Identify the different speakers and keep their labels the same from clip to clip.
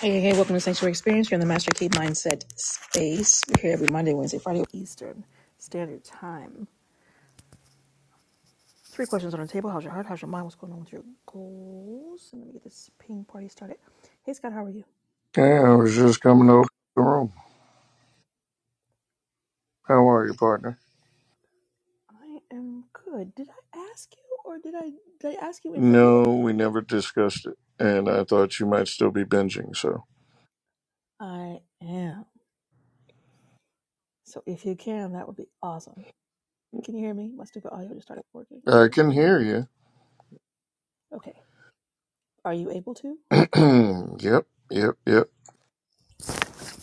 Speaker 1: Hey, hey, hey, welcome to Sanctuary Experience. You're in the Master Key Mindset space. We're here every Monday, Wednesday, Friday, Eastern Standard Time. Three questions on the table. How's your heart? How's your mind? What's going on with your goals? And let me get this ping party started. Hey, Scott, how are you?
Speaker 2: Yeah, I was just coming over the room. How are you, partner?
Speaker 1: I am good. Did I ask you or did I did I ask you and forget?
Speaker 2: No, we never discussed it, and I thought you might still be binging, so.
Speaker 1: I am. So if you can, that would be awesome. Can you hear me? My stupid audio just started working
Speaker 2: I
Speaker 1: on its
Speaker 2: can hear
Speaker 1: own.
Speaker 2: you.
Speaker 1: Okay. Are you able to?
Speaker 2: yep, yep, yep.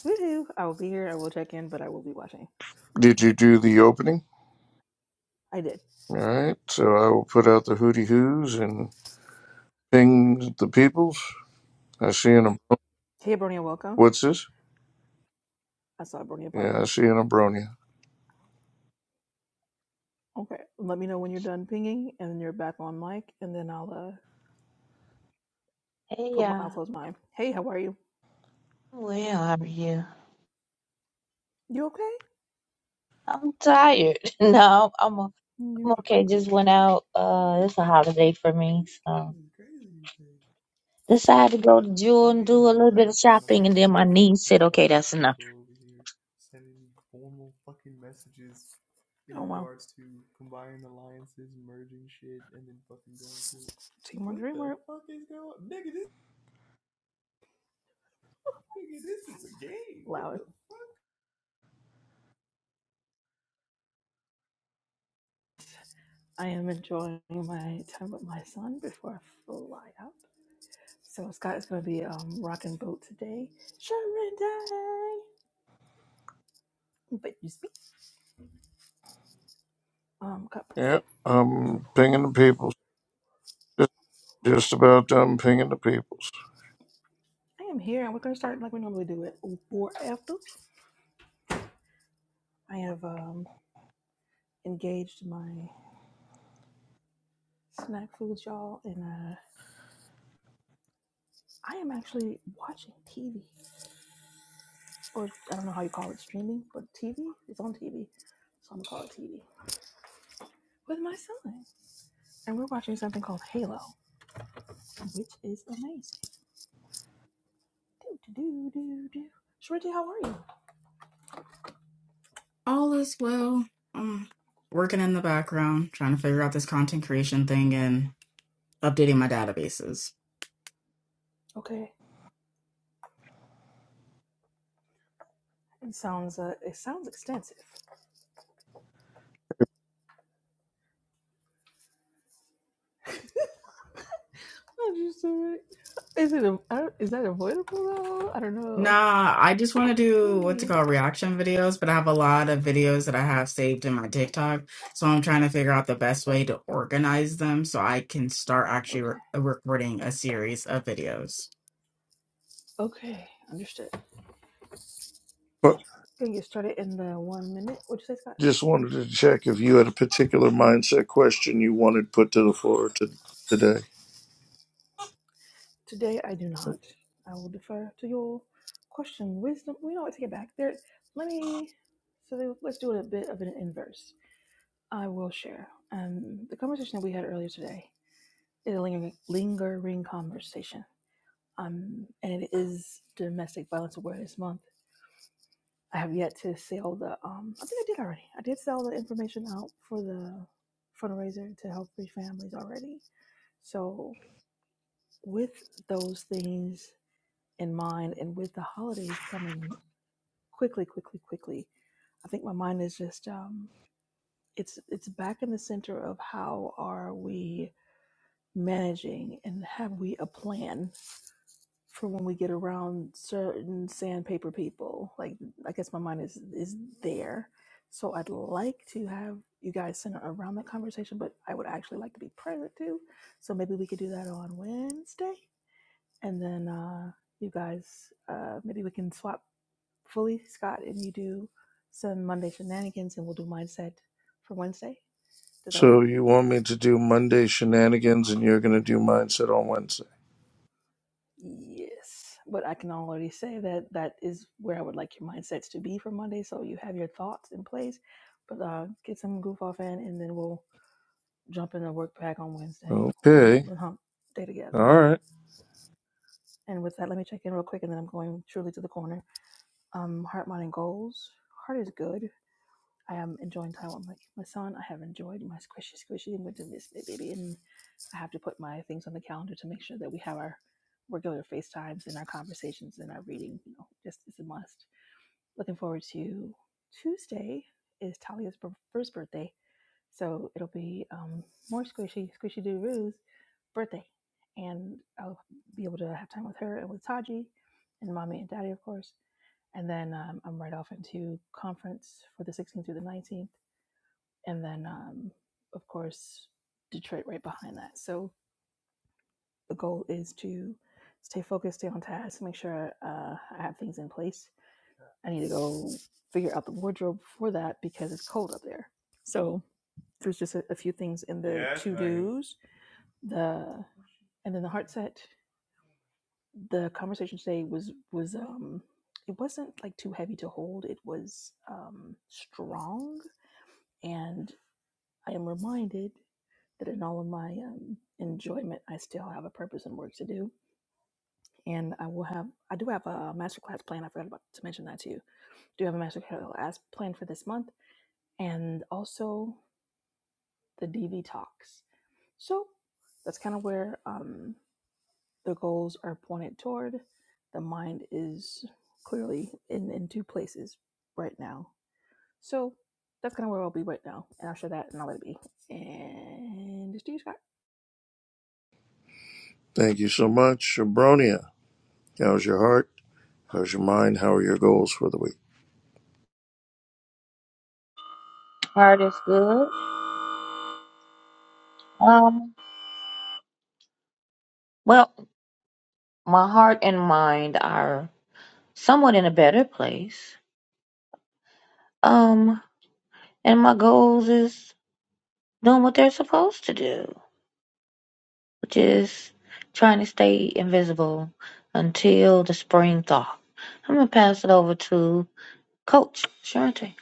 Speaker 1: Woohoo! I will be here. I will check in, but I will be watching.
Speaker 2: Did you do the opening?
Speaker 1: I did.
Speaker 2: All right, so I will put out the hooty hoos and ping the peoples. I see an.
Speaker 1: Hey, Bronia, welcome.
Speaker 2: What's this?
Speaker 1: I saw Bronia pop
Speaker 2: Yeah, I
Speaker 1: in.
Speaker 2: see an abronia.
Speaker 1: Okay, let me know when you're done pinging and you're back on mic, and then I'll uh
Speaker 3: Hey,
Speaker 1: put my
Speaker 3: uh,
Speaker 1: I'll close mine. Hey, how are you?
Speaker 3: well, how are you?
Speaker 1: You okay?
Speaker 3: I'm tired. No, I'm o- I'm am
Speaker 1: You
Speaker 3: okay.
Speaker 1: okay?
Speaker 3: Just went out. Uh, it's a holiday for me, so decided to go to Jewel and do a little bit of shopping, and then my niece said, "Okay, that's enough."
Speaker 1: In Oh wow, regards to to combining alliances, merging shit, and then fucking going to teamwork, what the dreamwork. Nigga, nigga, this nigga, this is a game. What Loud. the I am enjoying my time with my son before I fly out. So Scott is going to be um rocking boat today. Sharon day, but you speak um cup.
Speaker 2: Yep, I'm pinging the peoples. Just,
Speaker 1: Okay.
Speaker 2: just about done pinging the peoples.
Speaker 1: I am here and we're going to start like we normally do It 4 after. I have um, engaged my snack foods, y'all, and uh, I am actually watching TV. Or I don't know how you call it, streaming, but TV is on TV. So I'm going to call it TV with my son. And we're watching something called Halo, which is amazing. Do, do, do, do, do. Shrinty, how are you?
Speaker 4: All is well. Um, working in the background, trying to figure out this content creation thing and updating my databases.
Speaker 1: Okay. It sounds uh, it sounds extensive. i just do its it. Is it a, I don't, is that avoidable though? I don't know.
Speaker 4: Nah, I just want to do what's it
Speaker 1: Whee.
Speaker 4: called reaction videos, but I have a lot of videos that I have saved in my TikTok. So I'm trying to figure out the best
Speaker 1: Got it.
Speaker 4: way to organize them so I can start actually re-
Speaker 1: Okay.
Speaker 4: uh, recording a series of videos.
Speaker 1: Okay. Understood. Gonna get started in the one minute. What you say, Scott?
Speaker 2: Just wanted to check if you had a particular mindset question you wanted put to the floor to, today.
Speaker 1: Today I do not. I will defer to your question. Wisdom. We don't take it back. There. Let me. So they- let's do it a bit of an inverse. I will share. Um, the conversation that we had earlier today is a lingering, lingering conversation. Um, and it is Domestic Violence Awareness Month. I have yet to sell the. Um, I think I did already. I did sell the information out for the fundraiser to help free families already. So with those things in mind, and with the holidays coming quickly, quickly, quickly, I think my mind is just um, it's it's back in the center of how are we managing and have we a plan for when we get around certain sandpaper people. Like I guess my mind is is there. So I'd like to have you guys center around that conversation, but I would actually like to be present too. So maybe we could do that on Wednesday. And then uh you guys uh maybe we can swap fully Scott and you do some Monday shenanigans and we'll do mindset for Wednesday. Does that work?
Speaker 2: So you want me to do Monday shenanigans and you're going to do mindset on Wednesday.
Speaker 1: Yes, but I can already say that that is where I would like your mindsets to be for Monday. So you have your thoughts in place, but uh, get some goof off in, and then we'll jump in and work back on Wednesday on
Speaker 2: Okay.
Speaker 1: the hump day together.
Speaker 2: All right.
Speaker 1: And with that, let me check in real quick, and then I'm going truly to the corner. Um, heart, mind, and goals. Heart is good. I am enjoying Taiwan, like my, son. I have enjoyed my squishy squishy and went to miss my baby and I have to put my things on the calendar to make sure that we have our regular FaceTimes and our conversations and our reading, you know, just is a must. Looking forward to Tuesday is Talia's bir- first birthday. So it'll be um, more squishy, squishy doo roo's birthday. And I'll be able to have time with her and with Taji and mommy and daddy, of course. And then um, I'm right off into conference for the 16th through the 19th and then um, of course Detroit right behind that. So the goal is to stay focused, stay on task, make sure uh, I have things in place. I need to go figure out the wardrobe for that because it's cold up there. So there's just a, a few things in the to dos, the and then the heart set. The conversation today was was um it wasn't like too heavy to hold. It was um strong, and I am reminded that in all of my um, enjoyment, I still have a purpose and work to do. And I will have, I do have a master class plan. I forgot about to mention that to you. Do have a master class plan for this month, and also the DV talks. So that's kind of where um, the goals are pointed toward. The mind is clearly in in two places right now So that's kind of where I'll be right now. And I'll share that, and I'll let it be. And it's to you, Scott.
Speaker 2: Thank you so much, Abronia. How's your heart? How's your mind? How are your goals for the week?
Speaker 3: Heart is good. Um, well, my heart and mind are somewhat in a better place. Um, and my goals is doing what they're supposed to do. which is trying to stay invisible until the spring thaw. I'm gonna pass it over to Coach Sharente.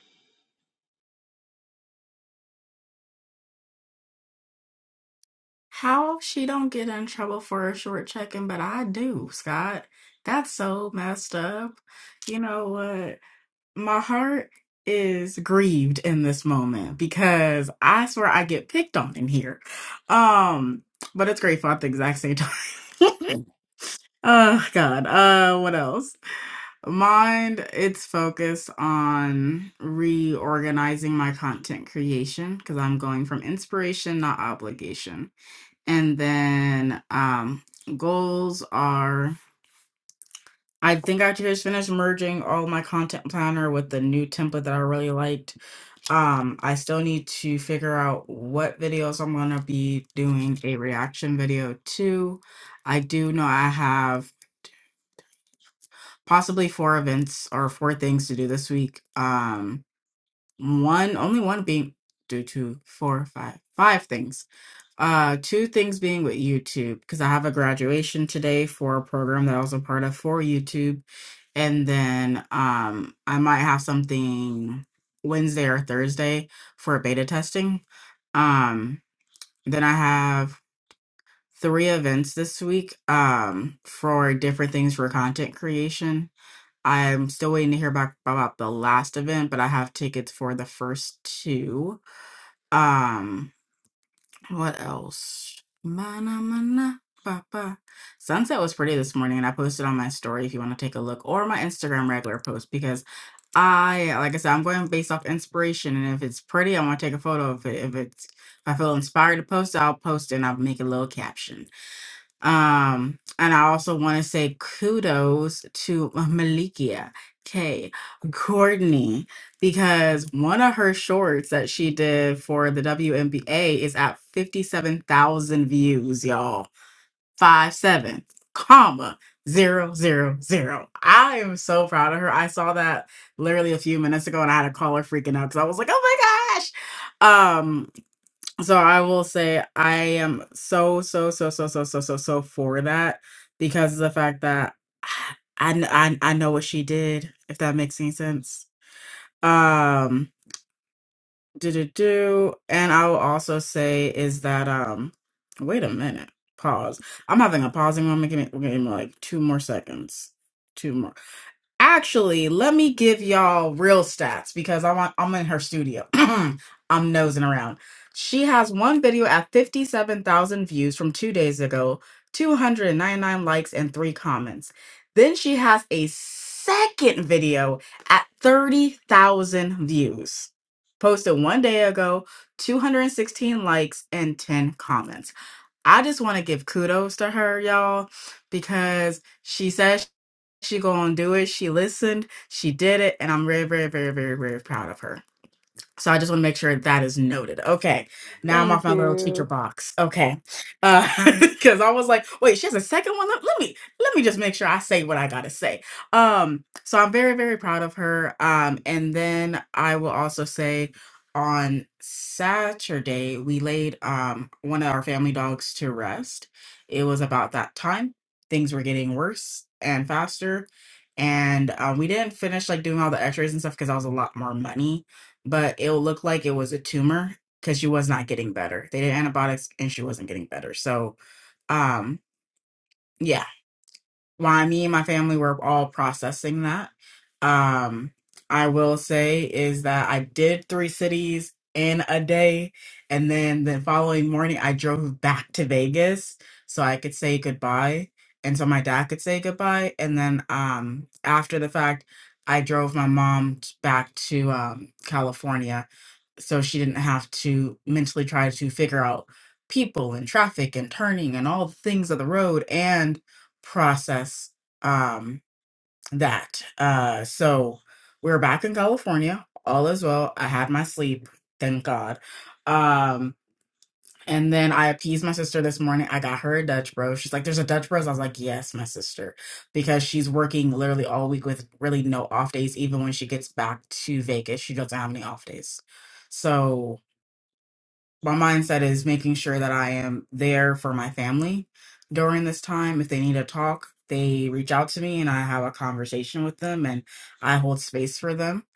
Speaker 4: How she don't get in trouble for a short checking, but I do, Scott. That's so messed up. You know what? my heart is grieved in this moment because I swear I get picked on in here. Um, but it's grateful at the exact same time. oh God. Uh what else? Mind, it's focused on reorganizing my content creation because I'm going from inspiration, not obligation. And then um goals are I think I just finished merging all my content planner with the new template that I really liked um, I still need to figure out what videos I'm gonna be doing a reaction video to. I do know I have possibly four events or four things to do this week. Um, one, only one being due to four, five, five things uh, two things being with YouTube, because I have a graduation today for a program that I was a part of for YouTube. And then um I might have something Wednesday or Thursday for beta testing. Um then I have three events this week um for different things for content creation. I'm still waiting to hear back about the last event, but I have tickets for the first two. Um what else? Mana mana ba Sunset was pretty this morning, and I posted on my story if you want to take a look, or my Instagram regular post because I, like I said, I'm going based off inspiration, and if it's pretty, I want to take a photo of it. If it's, if I feel inspired to post, I'll post and I'll make a little caption. Um, and I also want to say kudos to uh, Malikia K. Courtney because one of her shorts that she did for the WNBA is at 57,000 views, y'all. Five seven, comma zero zero zero. I am so proud of her. I saw that literally a few minutes ago and I had a caller freaking out because I was like, oh my gosh. Um, so I will say I am so so so so so so so so for that because of the fact that I kn- I, kn- I know what she did if that makes any sense. Um do do do and I will also say is that um wait a minute pause I'm having a pausing moment give me, give me like two more seconds Two more. Actually, let me give y'all real stats because I'm on- I'm in her studio. I'm nosing around. She has one video at 57,000 views from 2 days ago, 299 likes and 3 comments. Then she has a second video at 30,000 views. Posted 1 day ago, 216 likes and 10 comments. I just want to give kudos to her, y'all, because she says. She gonna do it. She listened. She did it, and I'm very, very, very, very, very proud of her. So I just want to make sure that is noted. Okay. Now I'm off
Speaker 1: Thank
Speaker 4: my little teacher
Speaker 1: you.
Speaker 4: box. Okay. Uh because I was like, wait, she has a second one. Let, let me let me just make sure I say what I gotta say. Um, so I'm very, very proud of her. Um, and then I will also say on Saturday, we laid um one of our family dogs to rest. It was about that time. Things were getting worse and faster. And um, we didn't finish like doing all the x-rays and stuff because that was a lot more money but it'll look like it was a tumor because she was not getting better. They did antibiotics and she wasn't getting better. So, um, yeah, why me and my family were all processing that. Um, I will say is that I did three cities in a day, and then the following morning I drove back to Vegas so I could say goodbye. And so my dad could say goodbye. And then um, after the fact, I drove my mom t- back to um, California so she didn't have to mentally try to figure out people and traffic and turning and all the things of the road and process um that uh so we're back in california all is well i had my sleep thank god um and then I appeased my sister this morning. I got her a Dutch bro. She's like, "There's a Dutch bros." I was like, "Yes, my sister," because she's working literally all week with really no off days. Even when she gets back to Vegas, she doesn't have any off days. So my mindset is making sure that I am there for my family during this time. If they need a talk, they reach out to me and I have a conversation with them and I hold space for them.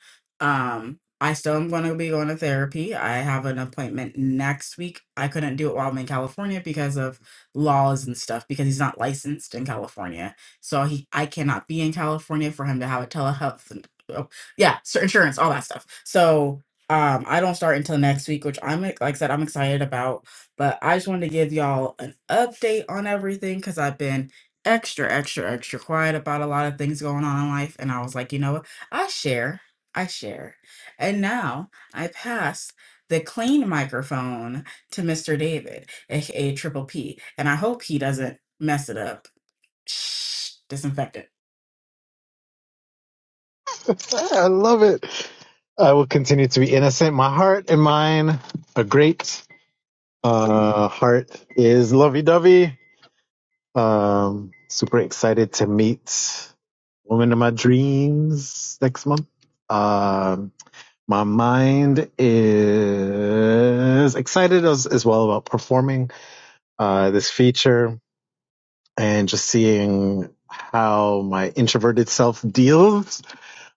Speaker 4: Um, I still am going to be going to therapy. I have an appointment next week. I couldn't do it while I'm in California because of laws and stuff because he's not licensed in California. So he I cannot be in California for him to have a telehealth and, oh, yeah, so insurance, all that stuff. So um, I don't start until next week, which I'm like I said, I'm excited about. But I just wanted to give y'all an update on everything because I've been extra, extra, extra quiet about a lot of things going on in life. And I was like, you know what? I share. I share. And now I pass the clean microphone to Mr. David, aka Triple P. And I hope he doesn't mess it up. Shh, disinfect it.
Speaker 5: I love it. I will continue to be innocent. My heart and mine are great. Uh, heart is lovey dovey. Um, super excited to meet woman of my dreams next month. Um, my mind is excited as, as well about performing uh, this feature and just seeing how my introverted self deals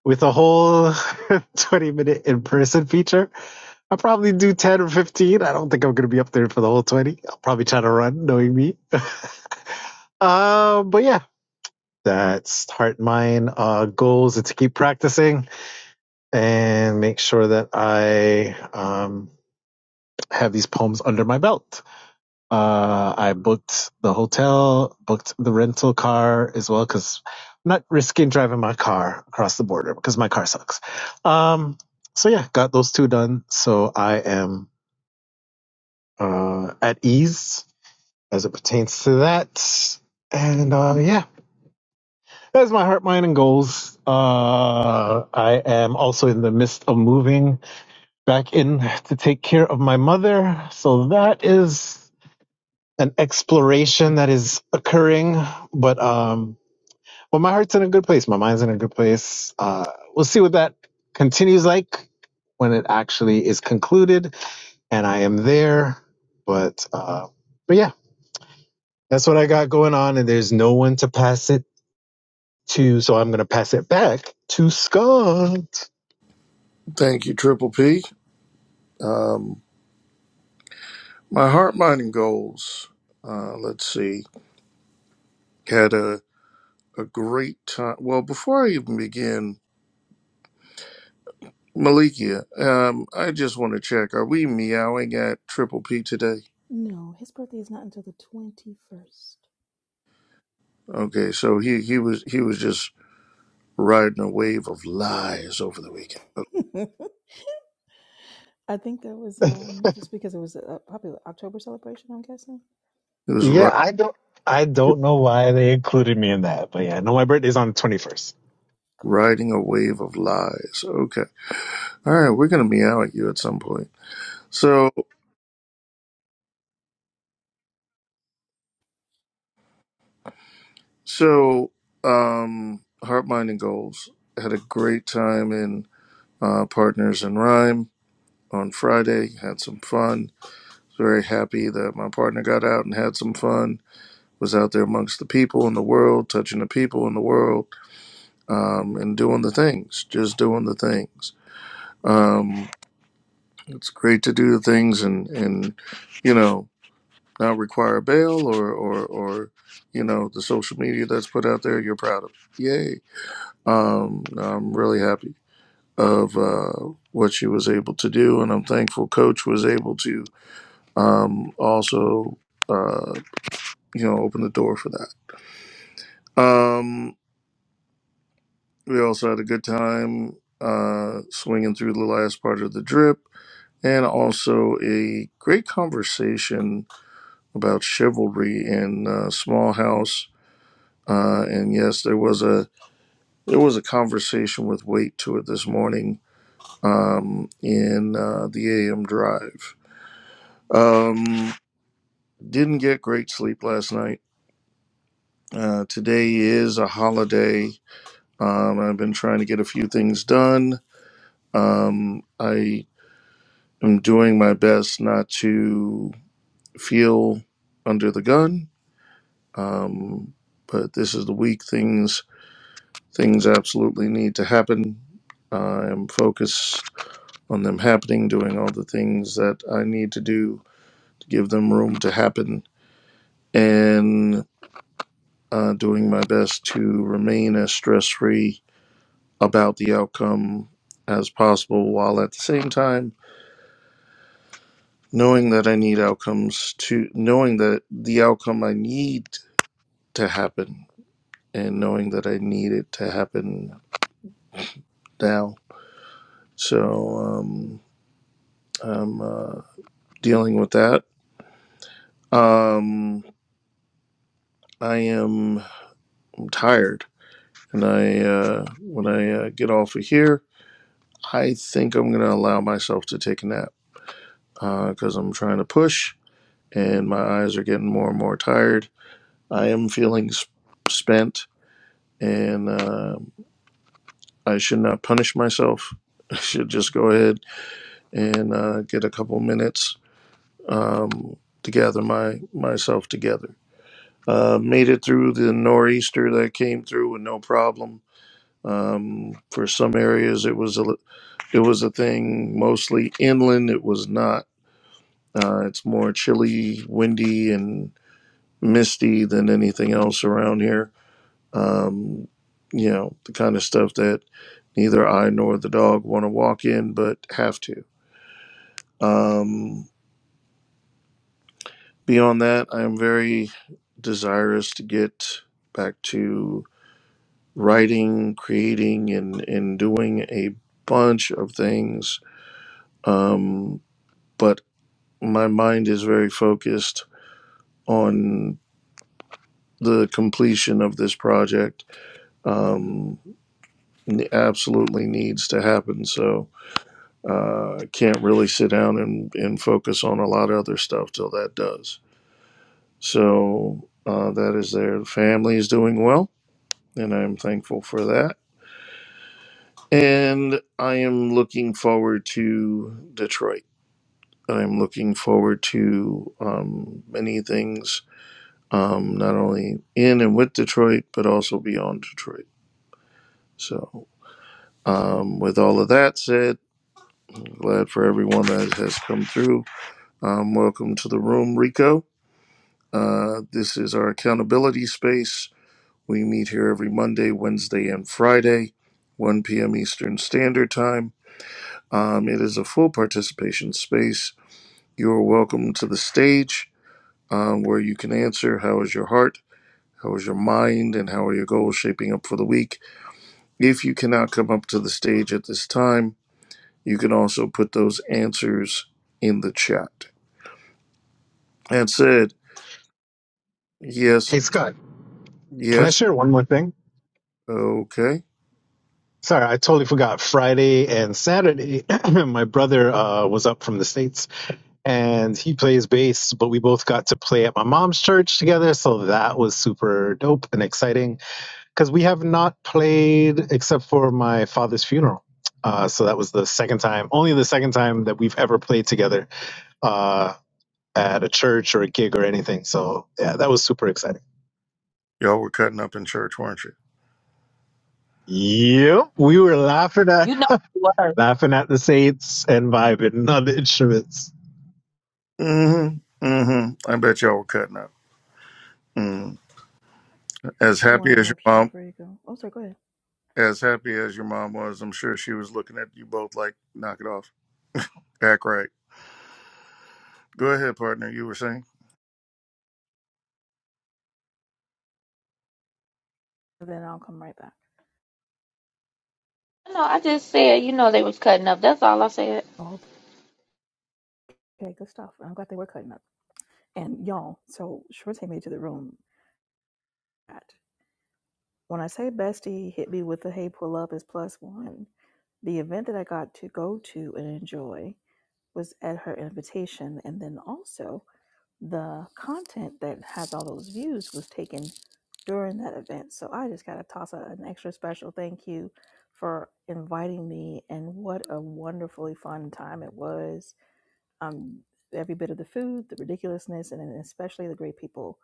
Speaker 5: with a whole 20 minute in person feature I'll probably do 10 or 15. I don't think I'm going to be up there for the whole 20. I'll probably try to run, knowing me. uh, but yeah, that's heart and mind. Uh, goals is to keep practicing and make sure that I um, have these poems under my belt. Uh, I booked the hotel, booked the rental car as well, because I'm not risking driving my car across the border because my car sucks. Um, so yeah, got those two done. So I am uh, at ease as it pertains to that. And uh, yeah, that's my heart, mind, and goals. Uh, I am also in the midst of moving back in to take care of my mother. So that is an exploration that is occurring. But um, well, my heart's in a good place. My mind's in a good place. Uh, we'll see what that continues like when it actually is concluded and I am there. But uh, but yeah, that's what I got going on, and there's no one to pass it to, so I'm going to pass it back to Scott.
Speaker 2: Thank you, Triple P. Um, my heart, mind, and goals. Uh, let's see. Had a, a great time. Well, before I even begin, Malikia, um, I just want to check. Are we meowing at Triple P today?
Speaker 1: No, his birthday is not until the 21st.
Speaker 2: Okay, so he, he was he was just riding a wave of lies over the weekend. Oh,
Speaker 1: I think that was um, just because it was a, probably October celebration, I'm guessing.
Speaker 2: He was ri-
Speaker 5: Yeah, I don't, I don't know why they included me in that, but yeah, no, my birthday's on the 21st.
Speaker 1: Cool.
Speaker 2: riding a wave of lies. Okay, all right, we're gonna meow at you at some point. So so um, Heart Mind and Goals had a great time in uh, Partners in Rhyme on Friday. Had some fun. Very happy that my partner got out and had some fun was out there amongst the people in the world, touching the people in the world, um, and doing the things, just doing the things. Um, it's great to do the things and, and you know, not require bail or, or, or, you know, the social media that's put out there, you're proud of. Yay. Um, I'm really happy of uh, what she was able to do. And I'm thankful Coach was able to um, also, uh, you know, open the door for that. Um, We also had a good time uh, swinging through the last part of the drip and also a great conversation about chivalry in uh, Small House. Uh, and yes, there was a there was a conversation with weight to it this morning um, in uh, the AM drive. Um, didn't get great sleep last night. Uh, today is a holiday. Um, I've been trying to get a few things done. Um, I I'm doing my best not to feel under the gun, um, but this is the week. Things things absolutely need to happen. I am focused on them happening, doing all the things that I need to do to give them room to happen, and uh, doing my best to remain as stress free about the outcome as possible, while at the same time knowing that I need outcomes to knowing that the outcome I need to happen and knowing that I need it to happen now. So um, I'm uh, dealing with that. Um, I am I'm tired. And I, uh, when I uh, get off of here, I think I'm going to allow myself to take a nap because uh, I'm trying to push and my eyes are getting more and more tired. I am feeling sp- spent and uh, I should not punish myself. I should just go ahead and uh, get a couple minutes um, to gather my myself together. Uh, made it through the nor'easter that came through with no problem. Um, for some areas, it was a it was a thing. Mostly inland, it was not. Uh, it's more chilly, windy, and misty than anything else around here. Um, you know the kind of stuff that neither I nor the dog want to walk in, but have to. Um, Beyond that, I am very desirous to get back to writing, creating, and, and doing a bunch of things. Um, but my mind is very focused on the completion of this project. Um, it absolutely needs to happen. So uh, I can't really sit down and, and focus on a lot of other stuff till that does. So uh, that is there. The family is doing well and I'm thankful for that. And I am looking forward to Detroit. I'm looking forward to um, many things, um, not only in and with Detroit, but also beyond Detroit. So, um, with all of that said, I'm glad for everyone that has come through. Um, welcome to the room, Rico. Uh, this is our accountability space. We meet here every Monday, Wednesday, and Friday, 1 p.m. Eastern Standard Time. Um, it is a full participation space. You are welcome to the stage um, where you can answer how is your heart, how is your mind, and how are your goals shaping up for the week. If you cannot come up to the stage at this time, you can also put those answers in the chat. That said, yes,
Speaker 5: Hey, Scott, can I
Speaker 2: yes,
Speaker 5: share one more thing?
Speaker 2: okay.
Speaker 5: Sorry, I totally forgot. Friday and Saturday, my brother uh, was up from the States and he plays bass, but we both got to play at my mom's church together. So that was super dope and exciting because we have not played except for my father's funeral. Uh, so that was the second time, only the second time that we've ever played together uh, at a church or a gig or anything. So yeah, that was super exciting.
Speaker 2: Y'all were cutting up in church, weren't you?
Speaker 5: Yep, we were laughing at
Speaker 3: You know you were.
Speaker 5: laughing at the saints and vibing on the instruments.
Speaker 2: Mm hmm. Mm hmm. I bet y'all were cutting up. Mm. As
Speaker 1: One more
Speaker 2: happy as your
Speaker 1: interruption
Speaker 2: mom
Speaker 1: before you go. Oh, sorry, go ahead.
Speaker 2: As happy as your mom was, I'm sure she was looking at you both like, knock it off. Act right. Go ahead, partner. You were saying?
Speaker 1: then I'll come right back.
Speaker 3: No, I just said, you know, they was cutting up. That's all I said.
Speaker 1: Oh, okay, good stuff. I'm glad they were cutting up. And y'all, so Shorty made to the room. At, when I say bestie hit me with the hey pull up is plus one, the event that I got to go to and enjoy was at her invitation, and then also the content that has all those views was taken during that event. So I just got to toss out an extra special thank you for inviting me, and what a wonderfully fun time it was um, every bit of the food, the ridiculousness, and then especially the great people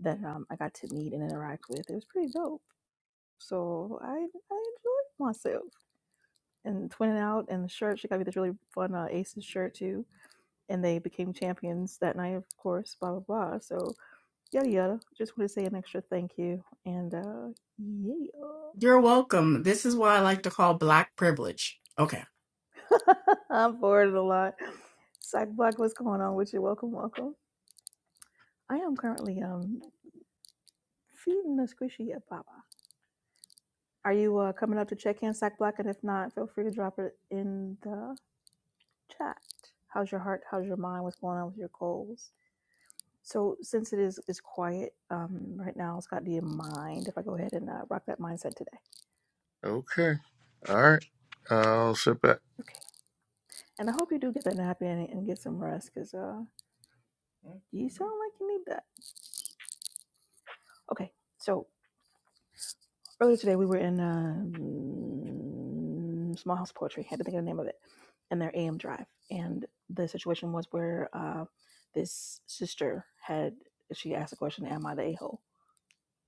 Speaker 1: that um, I got to meet and interact with. It was pretty dope. So I I enjoyed myself and twinning out and the shirt. She got me this really fun uh, Aces shirt too, and they became champions that night, of course. Blah blah blah. So yada yada. Just want to say an extra thank you and uh, yeah.
Speaker 4: You're welcome. This is what I like to call black privilege. Okay.
Speaker 1: I'm bored a lot. Psych block, what's going on with you? Welcome, welcome. I am currently um feeding a squishy a baba. Are you uh, coming up to check in, Sack Black? And if not, feel free to drop it in the chat. How's your heart? How's your mind? What's going on with your goals? So, since it is is quiet um, right now, it's got do you mind if I go ahead and uh, rock that mindset today?
Speaker 2: Okay. All right. I'll sit back.
Speaker 1: Okay. And I hope you do get that nap in and get some rest because uh, you sound like you need that. Okay. So earlier today we were in uh, small house poetry I had to think of the name of it and their am drive and the situation was where uh, this sister had she asked the question am i the a-hole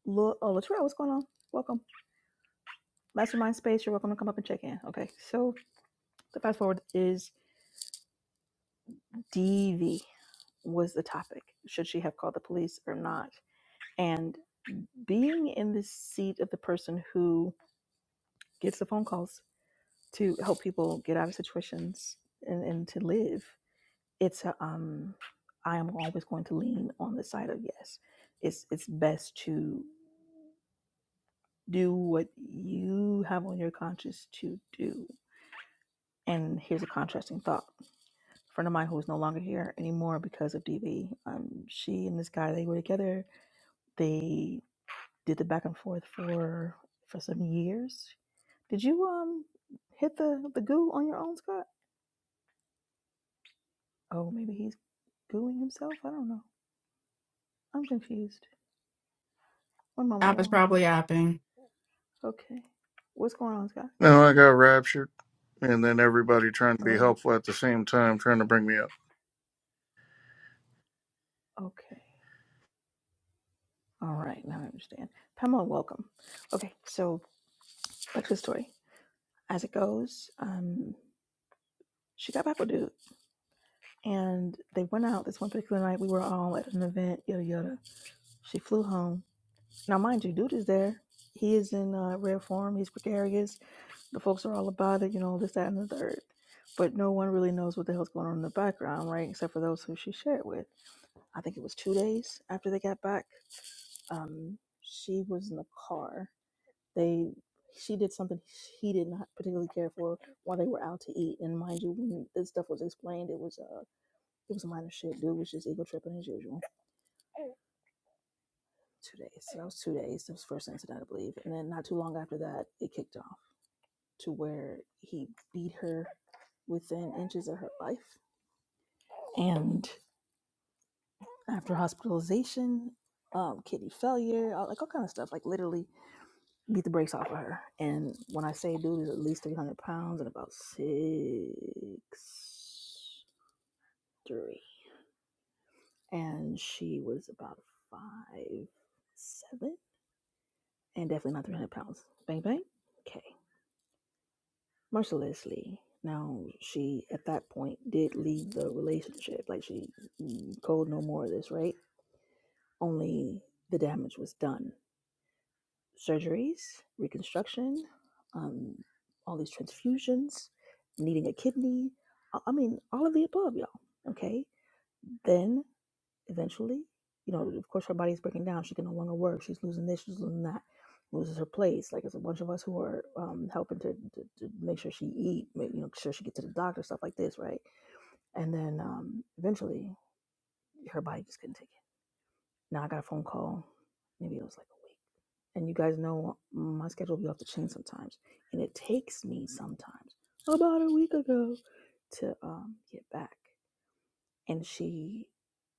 Speaker 1: Lo- oh Latrell, what's going on welcome mastermind space you're welcome to come up and check in okay so the fast forward is dv was the topic should she have called the police or not and being in the seat of the person who gets the phone calls to help people get out of situations and, and to live it's a, um i am always going to lean on the side of yes it's it's best to do what you have on your conscience to do and here's a contrasting thought a friend of mine who is no longer here anymore because of dv um she and this guy they were together they did the back and forth for for some years did you um hit the the goo on your own scott oh maybe he's gooing himself? I don't know. I'm confused. One moment,
Speaker 4: App is
Speaker 1: y'all.
Speaker 4: probably apping.
Speaker 1: Okay. What's going on, Scott?
Speaker 2: No, I got raptured. And then everybody trying to be
Speaker 1: Oh,
Speaker 2: helpful at the same time, trying to bring me up.
Speaker 1: okay. All right, now I understand. Pamela, welcome. Okay, so back to the story. As it goes, um, she got back with dude, and they went out this one particular night. We were all at an event, yada yada. She flew home. Now, mind you, dude is there. He is in uh, rare form. He's gregarious. The folks are all about it, you know, this, that, and the third. But no one really knows what the hell's going on in the background, right? Except for those who she shared with. I think it was two days after they got back. Um, she was in the car. They she did something he did not particularly care for while they were out to eat. And mind you, when this stuff was explained, it was uh it was minor shit. Dude was just ego tripping as usual. Two days. So that was two days. That was the first incident, I believe. And then not too long after that, it kicked off to where he beat her within inches of her life. And after hospitalization, um, kidney failure, all, like all kind of stuff, like literally beat the brakes off of her. And when I say dude is at least 300 pounds and about six three, and she was about five seven, and definitely not 300 pounds. Bang bang. Okay, mercilessly. Now she at that point did leave the relationship. Like she mm, told no more of this, right? Only the damage was done surgeries, reconstruction, um, all these transfusions, needing a kidney. I mean, all of the above, y'all. Okay. Then eventually, you know, of course, her body is breaking down. She can no longer work. She's losing this, she's losing that, loses her place. Like, it's a bunch of us who are um, helping to, to, to make sure she eat, make, you know, sure she gets to the doctor, stuff like this, right? And then um, eventually, her body just couldn't take it. Now, I got a phone call. Maybe it was like a week and you guys know my schedule will be off the chain sometimes and it takes me sometimes about a week ago to um get back and she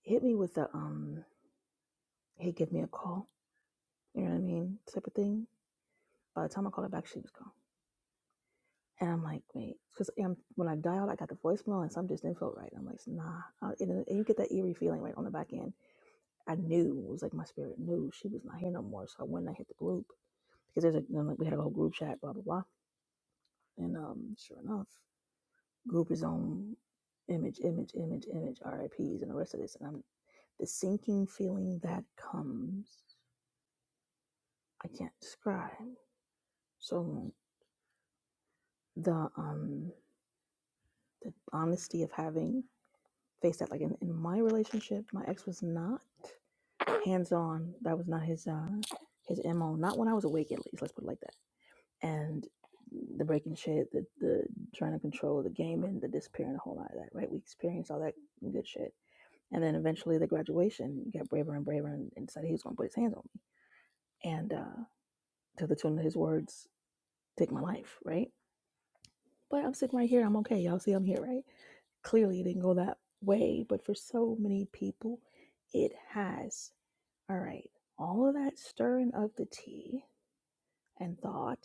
Speaker 1: hit me with the um hey give me a call you know what i mean type of thing by the time i called her back she was gone and i'm like wait because when i dialed i got the voicemail and something just didn't feel right i'm like nah Uh, and, and you get that eerie feeling right on the back end i knew it was like my spirit knew she was not here no more so i went and i hit the group because there's a you know, like we had a whole group chat blah blah blah And um, sure enough, group is on image, image, image, image, RIPs, and the rest of this. And I'm the sinking feeling that comes, I can't describe. So the um the honesty of having faced that, like in, in my relationship, my ex was not hands on. That was not his uh his mo. Not when I was awake, at least. Let's put it like that. And the breaking shit, the the trying to control the game, and the disappearing, a whole lot of that. Right? We experienced all that good shit And then eventually the graduation got braver and braver and, and decided he was going to put his hands on me. And uh, to the tune of his words, take my life, right? But I'm sitting right here. I'm okay. Y'all see I'm here, right? Clearly it didn't go that way. But for so many people, it has. All right. All of that stirring of the tea and thought,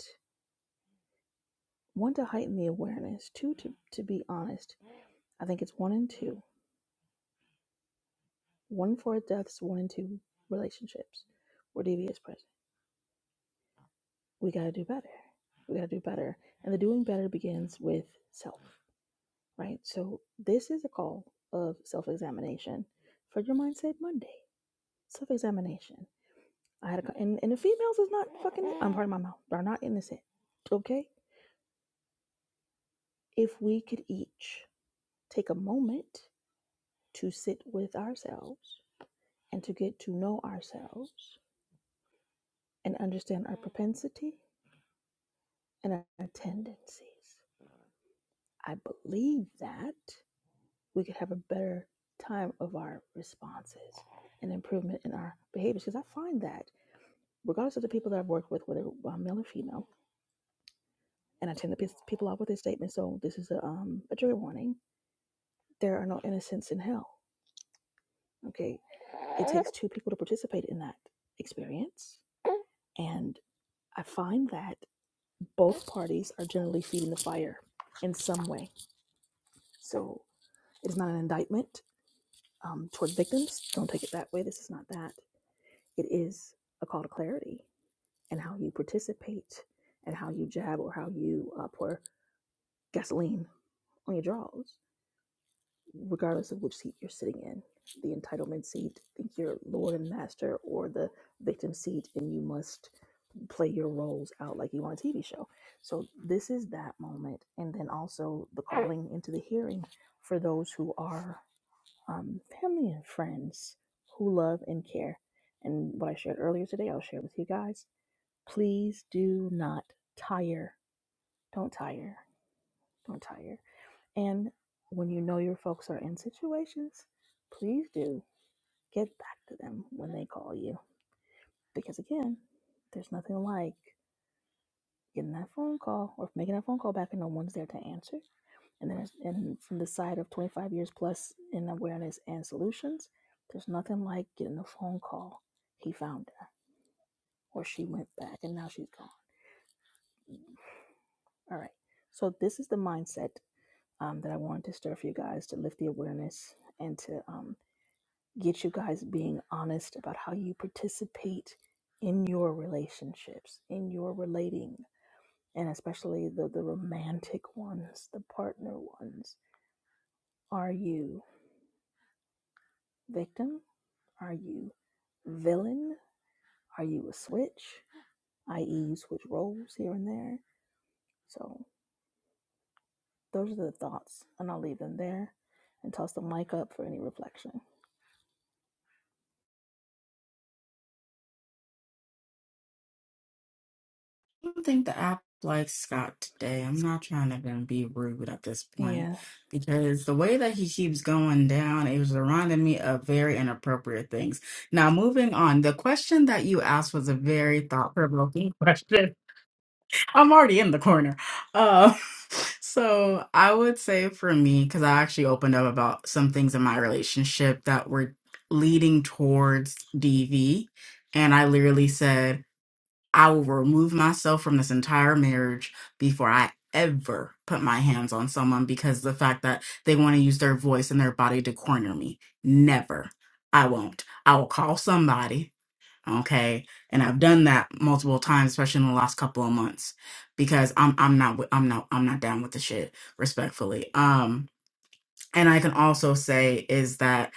Speaker 1: one, to heighten the awareness, two, to, to be honest, I think it's one and two. One for deaths, one and two relationships or DVS we got to do better. We got to do better. And the doing better begins with self, right? So, this is a call of self examination for your mindset Monday. Self examination. I had a, and, and the females is not fucking, I'm part of my mouth, they are not innocent, okay? If we could each take a moment to sit with ourselves and to get to know ourselves and understand our propensity and our tendencies. I believe that we could have a better time of our responses and improvement in our behaviors. Because I find that, regardless of the people that I've worked with, whether uh, male or female, and I tend to piss people off with this statement, so this is a, um, a trigger warning there are no innocents in hell. Okay. It takes two people to participate in that experience. And I find that both parties are generally feeding the fire in some way. So it is not an indictment um, toward victims. Don't take it that way. This is not that. It is a call to clarity and how you participate and how you jab or how you uh, pour gasoline on your jaws, regardless of which seat you're sitting in. The entitlement seat, think you're Lord and Master, or the victim seat, and you must play your roles out like you on a TV show. So, this is that moment. And then also the calling into the hearing for those who are um, family and friends who love and care. And what I shared earlier today, I'll share with you guys. Please do not tire Don't tire. Don't tire. And when you know your folks are in situations, please do get back to them when they call you. Because again, there's nothing like getting that phone call or making that phone call back and no one's there to answer. And then, and from the side of 25 years plus in awareness and solutions, there's nothing like getting a phone call. He found her, or she went back, and now she's gone. All right. So this is the mindset um, that I wanted to stir for you guys to lift the awareness and to um, get you guys being honest about how you participate in your relationships, in your relating, and especially the, the romantic ones, the partner ones. Are you victim? Are you villain? Are you a switch? I.e., you switch roles here and there. So those are the thoughts, and I'll leave them there and toss the mic up for any reflection.
Speaker 4: I don't think the app likes Scott today. I'm not trying to even be rude at this point
Speaker 1: Yeah.
Speaker 4: because the way that he keeps going down, it was reminding me of very inappropriate things. Now, moving on, the question that you asked was a very thought provoking question. I'm already in the corner. Uh, so I would say for me, because I actually opened up about some things in my relationship that were leading towards DV. And I literally said, I will remove myself from this entire marriage before I ever put my hands on someone because the fact that they want to use their voice and their body to corner me. Never. I won't. I will call somebody. Okay. And I've done that multiple times, especially in the last couple of months, because I'm I'm not wi- I'm not I'm not down with the shit, respectfully. Um, and I can also say is that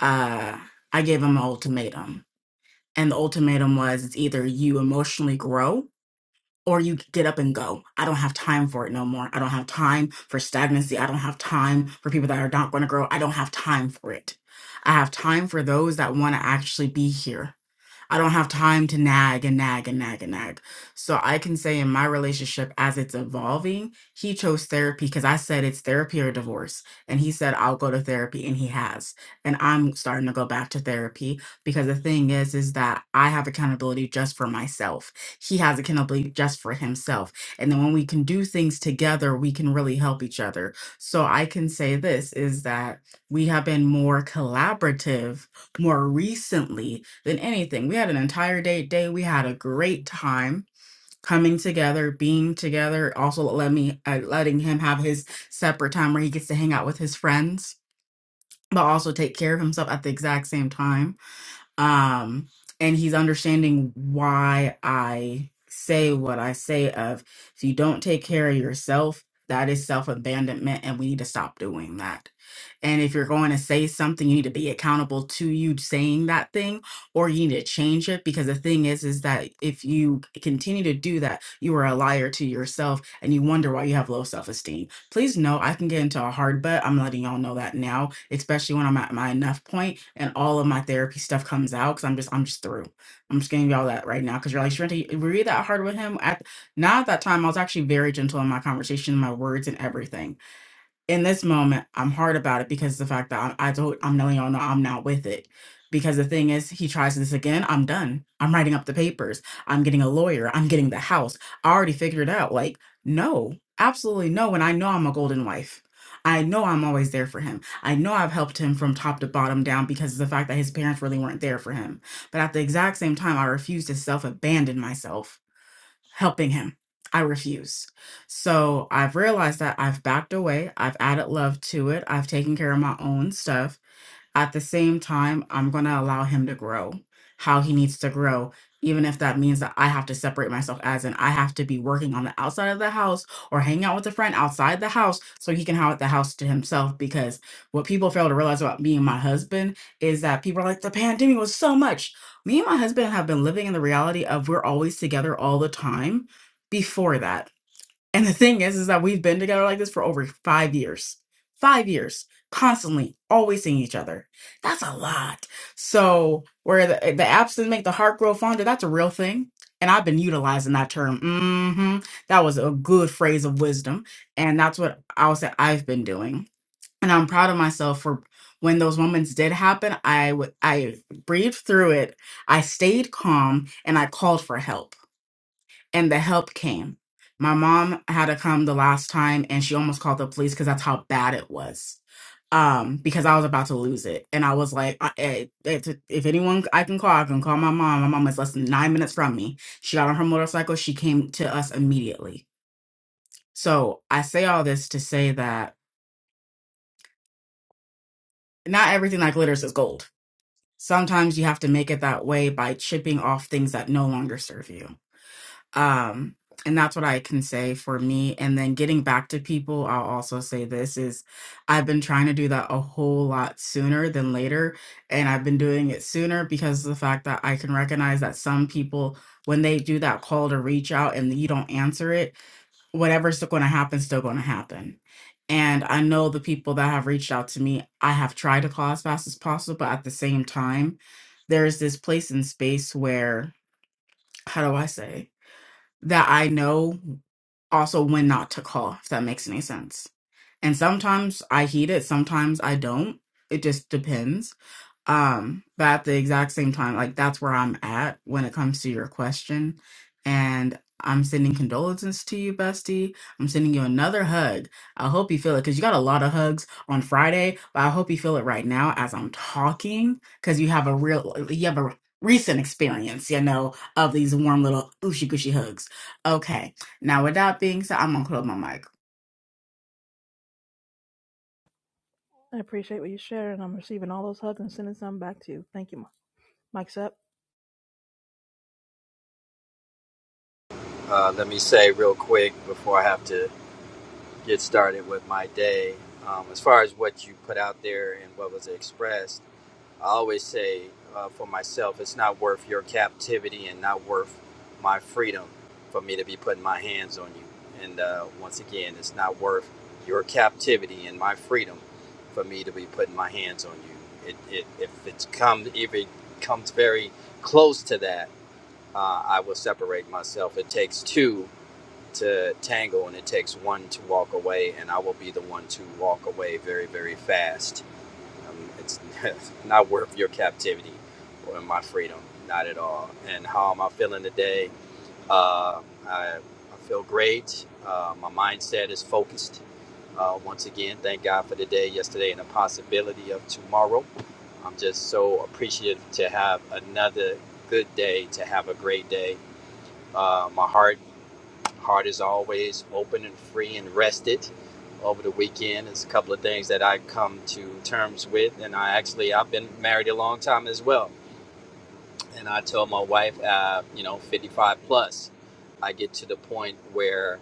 Speaker 4: uh I gave him an ultimatum. And the ultimatum was it's either you emotionally grow or you get up and go. I don't have time for it no more. I don't have time for stagnancy. I don't have time for people that are not going to grow. I don't have time for it. I have time for those that want to actually be here. I don't have time to nag and nag and nag and nag. So I can say in my relationship, as it's evolving, he chose therapy because I said it's therapy or divorce. And he said, I'll go to therapy. And he has. And I'm starting to go back to therapy because the thing is, is that I have accountability just for myself. He has accountability just for himself. And then when we can do things together, we can really help each other. So I can say this is that we have been more collaborative more recently than anything. We had an entire date day. We had a great time coming together, being together. Also, let me uh, letting him have his separate time where he gets to hang out with his friends, but also take care of himself at the exact same time um and he's understanding why i say what i say of if you don't take care of yourself that is self-abandonment and we need to stop doing that and if you're going to say something you need to be accountable to you saying that thing or you need to change it because the thing is is that if you continue to do that you are a liar to yourself and you wonder why you have low self-esteem please know i can get into a hard butt i'm letting y'all know that now especially when I'm at my enough point and all of my therapy stuff comes out because I'm just I'm just through. I'm just getting y'all that right now because you're like, Sharenta, were you that hard with him? At not at that time, I was actually very gentle in my conversation, my words and everything in this moment, I'm hard about it because the fact that I, I told I'm letting y'all know I'm not with it. Because the thing is, he tries this again, I'm done. I'm writing up the papers. I'm getting a lawyer. I'm getting the house. I already figured it out. Like, no, absolutely no. And I know I'm a golden wife. I know I'm always there for him. I know I've helped him from top to bottom down because of the fact that his parents really weren't there for him. But at the exact same time, I refuse to self abandon myself helping him. I refuse. So I've realized that I've backed away. I've added love to it. I've taken care of my own stuff at the same time, I'm going to allow him to grow how he needs to grow, even if that means that I have to separate myself as in I have to be working on the outside of the house or hang out with a friend outside the house so he can have the house to himself. Because what people fail to realize about me and my husband is that people are like, the pandemic was so much. Me and my husband have been living in the reality of we're always together all the time before that and the thing is, is that we've been together like this for over five years. Five years, constantly, always seeing each other. That's a lot. So, where the, the absent make the heart grow fonder, that's a real thing. And I've been utilizing that term. hmm That was a good phrase of wisdom. And that's what I'll say I've been doing. And I'm proud of myself for when those moments did happen, I, w- I breathed through it, I stayed calm, and I called for help and the help came. My mom had to come the last time and she almost called the police because that's how bad it was. Um, because I was about to lose it. And I was like, I, I- if if anyone I can call, I can call my mom. My mom is less than nine minutes from me. She got on her motorcycle. She came to us immediately. So I say all this to say that not everything that glitters is gold. Sometimes you have to make it that way by chipping off things that no longer serve you. um and that's what i can say for me and then getting back to people i'll also say this is i've been trying to do that a whole lot sooner than later and i've been doing it sooner because of the fact that i can recognize that some people when they do that call to reach out and you don't answer it whatever's going to happen is still going to happen and i know the people that have reached out to me i have tried to call as fast as possible but at the same time there's this place in space where how do i say that I know also when not to call, if that makes any sense. And sometimes I heed it, sometimes I don't. It just depends. Um, but at the exact same time, like that's where I'm at when it comes to your question. And I'm sending condolences to you, bestie. I'm sending you another hug. I hope you feel it because you got a lot of hugs on Friday, but I hope you feel it right now as I'm talking because you have a real, you have a recent experience, you know, of these warm little ooshy gushy hugs. Okay. Now, with that being said, I'm gonna close my mic.
Speaker 1: I appreciate what you shared, and I'm receiving all those hugs and sending some back to you. Thank you, Mike. Mike's up.
Speaker 6: Uh, let me say real quick before I have to get started with my day. Um, as far as what you put out there and what was expressed, I always say uh, for myself, it's not worth your captivity and not worth my freedom for me to be putting my hands on you. And uh, once again, it's not worth your captivity and my freedom for me to be putting my hands on you. It, it, if it's come, if it comes very close to that, uh, I will separate myself. It takes two to tango and it takes one to walk away and i will be the one to walk away very very fast um, it's not worth your captivity or my freedom not at all and how am i feeling today uh, I, I feel great uh, my mindset is focused uh, once again thank god for the day yesterday and the possibility of tomorrow i'm just so appreciative to have another good day to have a great day uh, my heart Heart is always open and free and rested. Over the weekend, it's a couple of things that I come to terms with, and I actually I've been married a long time as well, and I told my wife, uh, you know, 55 plus, I get to the point where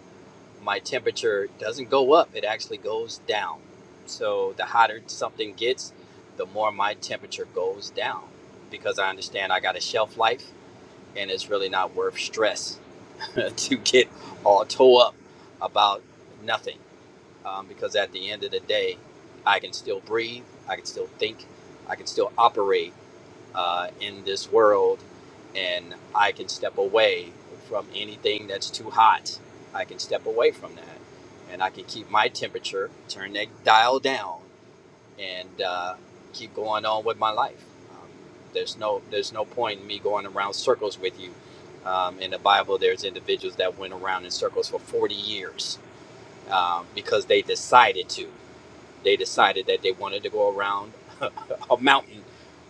Speaker 6: my temperature doesn't go up; it actually goes down. So the hotter something gets, the more my temperature goes down, because I understand I got a shelf life, and it's really not worth stress to get all tore up about nothing um, because at the end of the day i can still breathe i can still think i can still operate uh, in this world and i can step away from anything that's too hot i can step away from that and i can keep my temperature turn that dial down and uh, keep going on with my life. Um, there's no there's no point in me going around circles with you. Um, in the Bible, there's individuals that went around in circles for 40 years um, because they decided to. They decided that they wanted to go around a mountain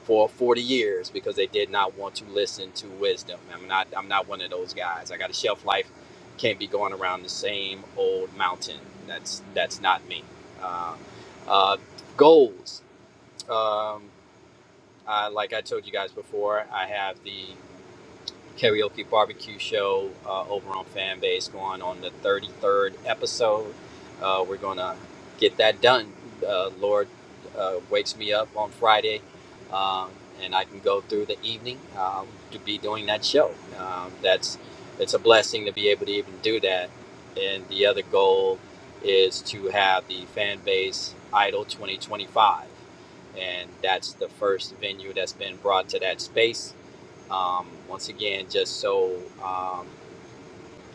Speaker 6: for 40 years because they did not want to listen to wisdom. I'm not I'm not one of those guys. I got a shelf life. Can't be going around the same old mountain. That's that's not me. Uh, uh, goals. Um, I, like I told you guys before, I have the karaoke barbecue show uh, over on Fanbase going on the 33rd episode. Uh, we're going to get that done. Uh, Lord uh, wakes me up on Friday um, and I can go through the evening um, to be doing that show. Um, that's It's a blessing to be able to even do that. And the other goal is to have the Fanbase Idol 2025 and that's the first venue that's been brought to that space. Um, once again, just so um,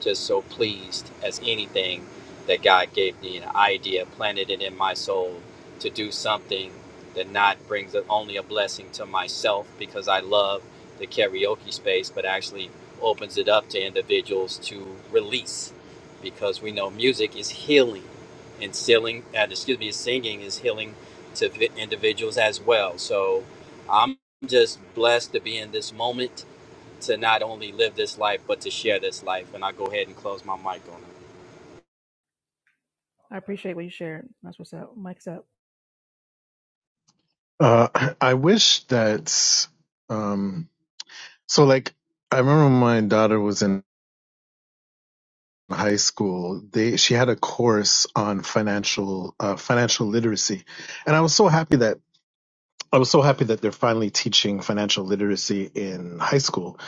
Speaker 6: just so pleased as anything that God gave me an idea, planted it in my soul to do something that not brings only a blessing to myself because I love the karaoke space, but actually opens it up to individuals to release because we know music is healing and singing, uh, excuse me, singing is healing to vi- individuals as well. So I'm just blessed to be in this moment to not only live this life but to share this life. And I go ahead and close my mic on it.
Speaker 1: I appreciate what you shared. That's what's up. Mike's up.
Speaker 5: Uh, I wish that. Um, So like I remember when my daughter was in high school, they she had a course on financial uh, financial literacy. And I was so happy that I was so happy that they're finally teaching financial literacy in high school.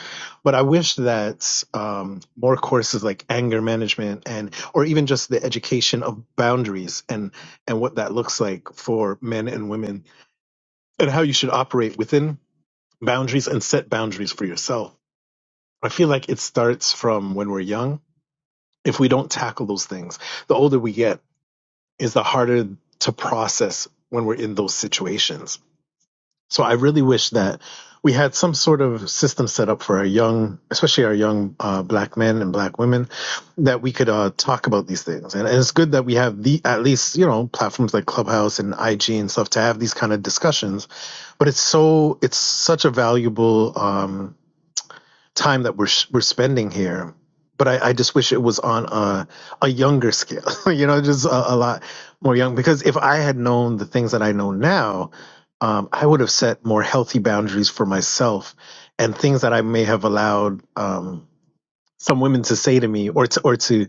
Speaker 5: But I wish that um, more courses like anger management and or even just the education of boundaries and and what that looks like for men and women and how you should operate within boundaries and set boundaries for yourself. I feel like it starts from when we're young if we don't tackle those things, the older we get is the harder to process when we're in those situations. So I really wish that we had some sort of system set up for our young, especially our young uh, black men and black women, that we could uh, talk about these things. And, and it's good that we have the at least you know platforms like Clubhouse and IG and stuff to have these kind of discussions. But it's so it's such a valuable. Um, time that we're we're spending here. But I, I just wish it was on a, a younger scale, you know, just a, a lot more young. Because if I had known the things that I know now, um, I would have set more healthy boundaries for myself and things that I may have allowed um, some women to say to me or to, or to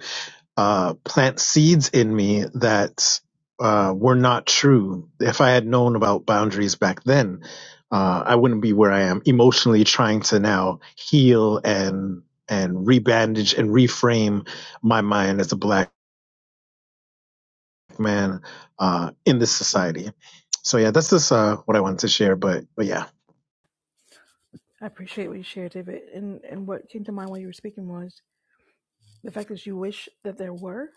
Speaker 5: uh, plant seeds in me that uh, were not true. If I had known about boundaries back then, uh, I wouldn't be where I am emotionally trying to now heal and and rebandage and reframe my mind as a black man uh, in this society. So yeah, that's just uh, what I wanted to share. But but yeah.
Speaker 1: I appreciate what you shared, David. And and what came to mind while you were speaking was the fact that you wish that there were.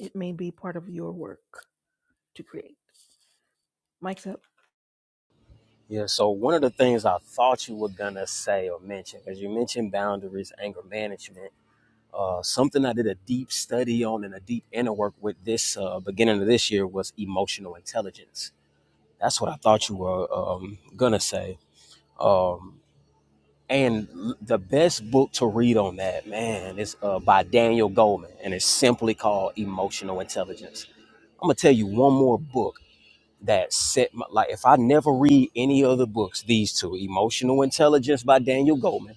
Speaker 1: It may be part of your work to create. Mike's up.
Speaker 7: Yeah, so one of the things I thought you were gonna say or mention, because you mentioned boundaries, anger management, uh, something I did a deep study on and a deep inner work with this uh, beginning of this year was emotional intelligence. That's what I thought you were um, gonna say. Um, and l- the best book to read on that, man, is uh, by Daniel Goleman, and it's simply called Emotional Intelligence. I'm gonna tell you one more book that set my like if I never read any other books, these two Emotional Intelligence by Daniel Goleman.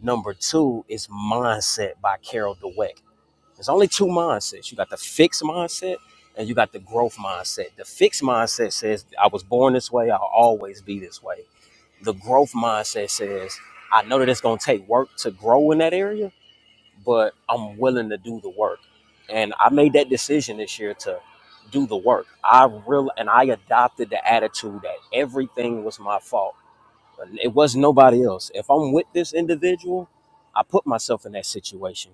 Speaker 7: Number two is Mindset by Carol Dweck. There's only two mindsets. You got the fixed mindset and you got the growth mindset. The fixed mindset says I was born this way, I'll always be this way. The growth mindset says I know that it's gonna take work to grow in that area, but I'm willing to do the work. And I made that decision this year to do the work. I real and I adopted the attitude that everything was my fault it wasn't nobody else. If I'm with this individual, I put myself in that situation,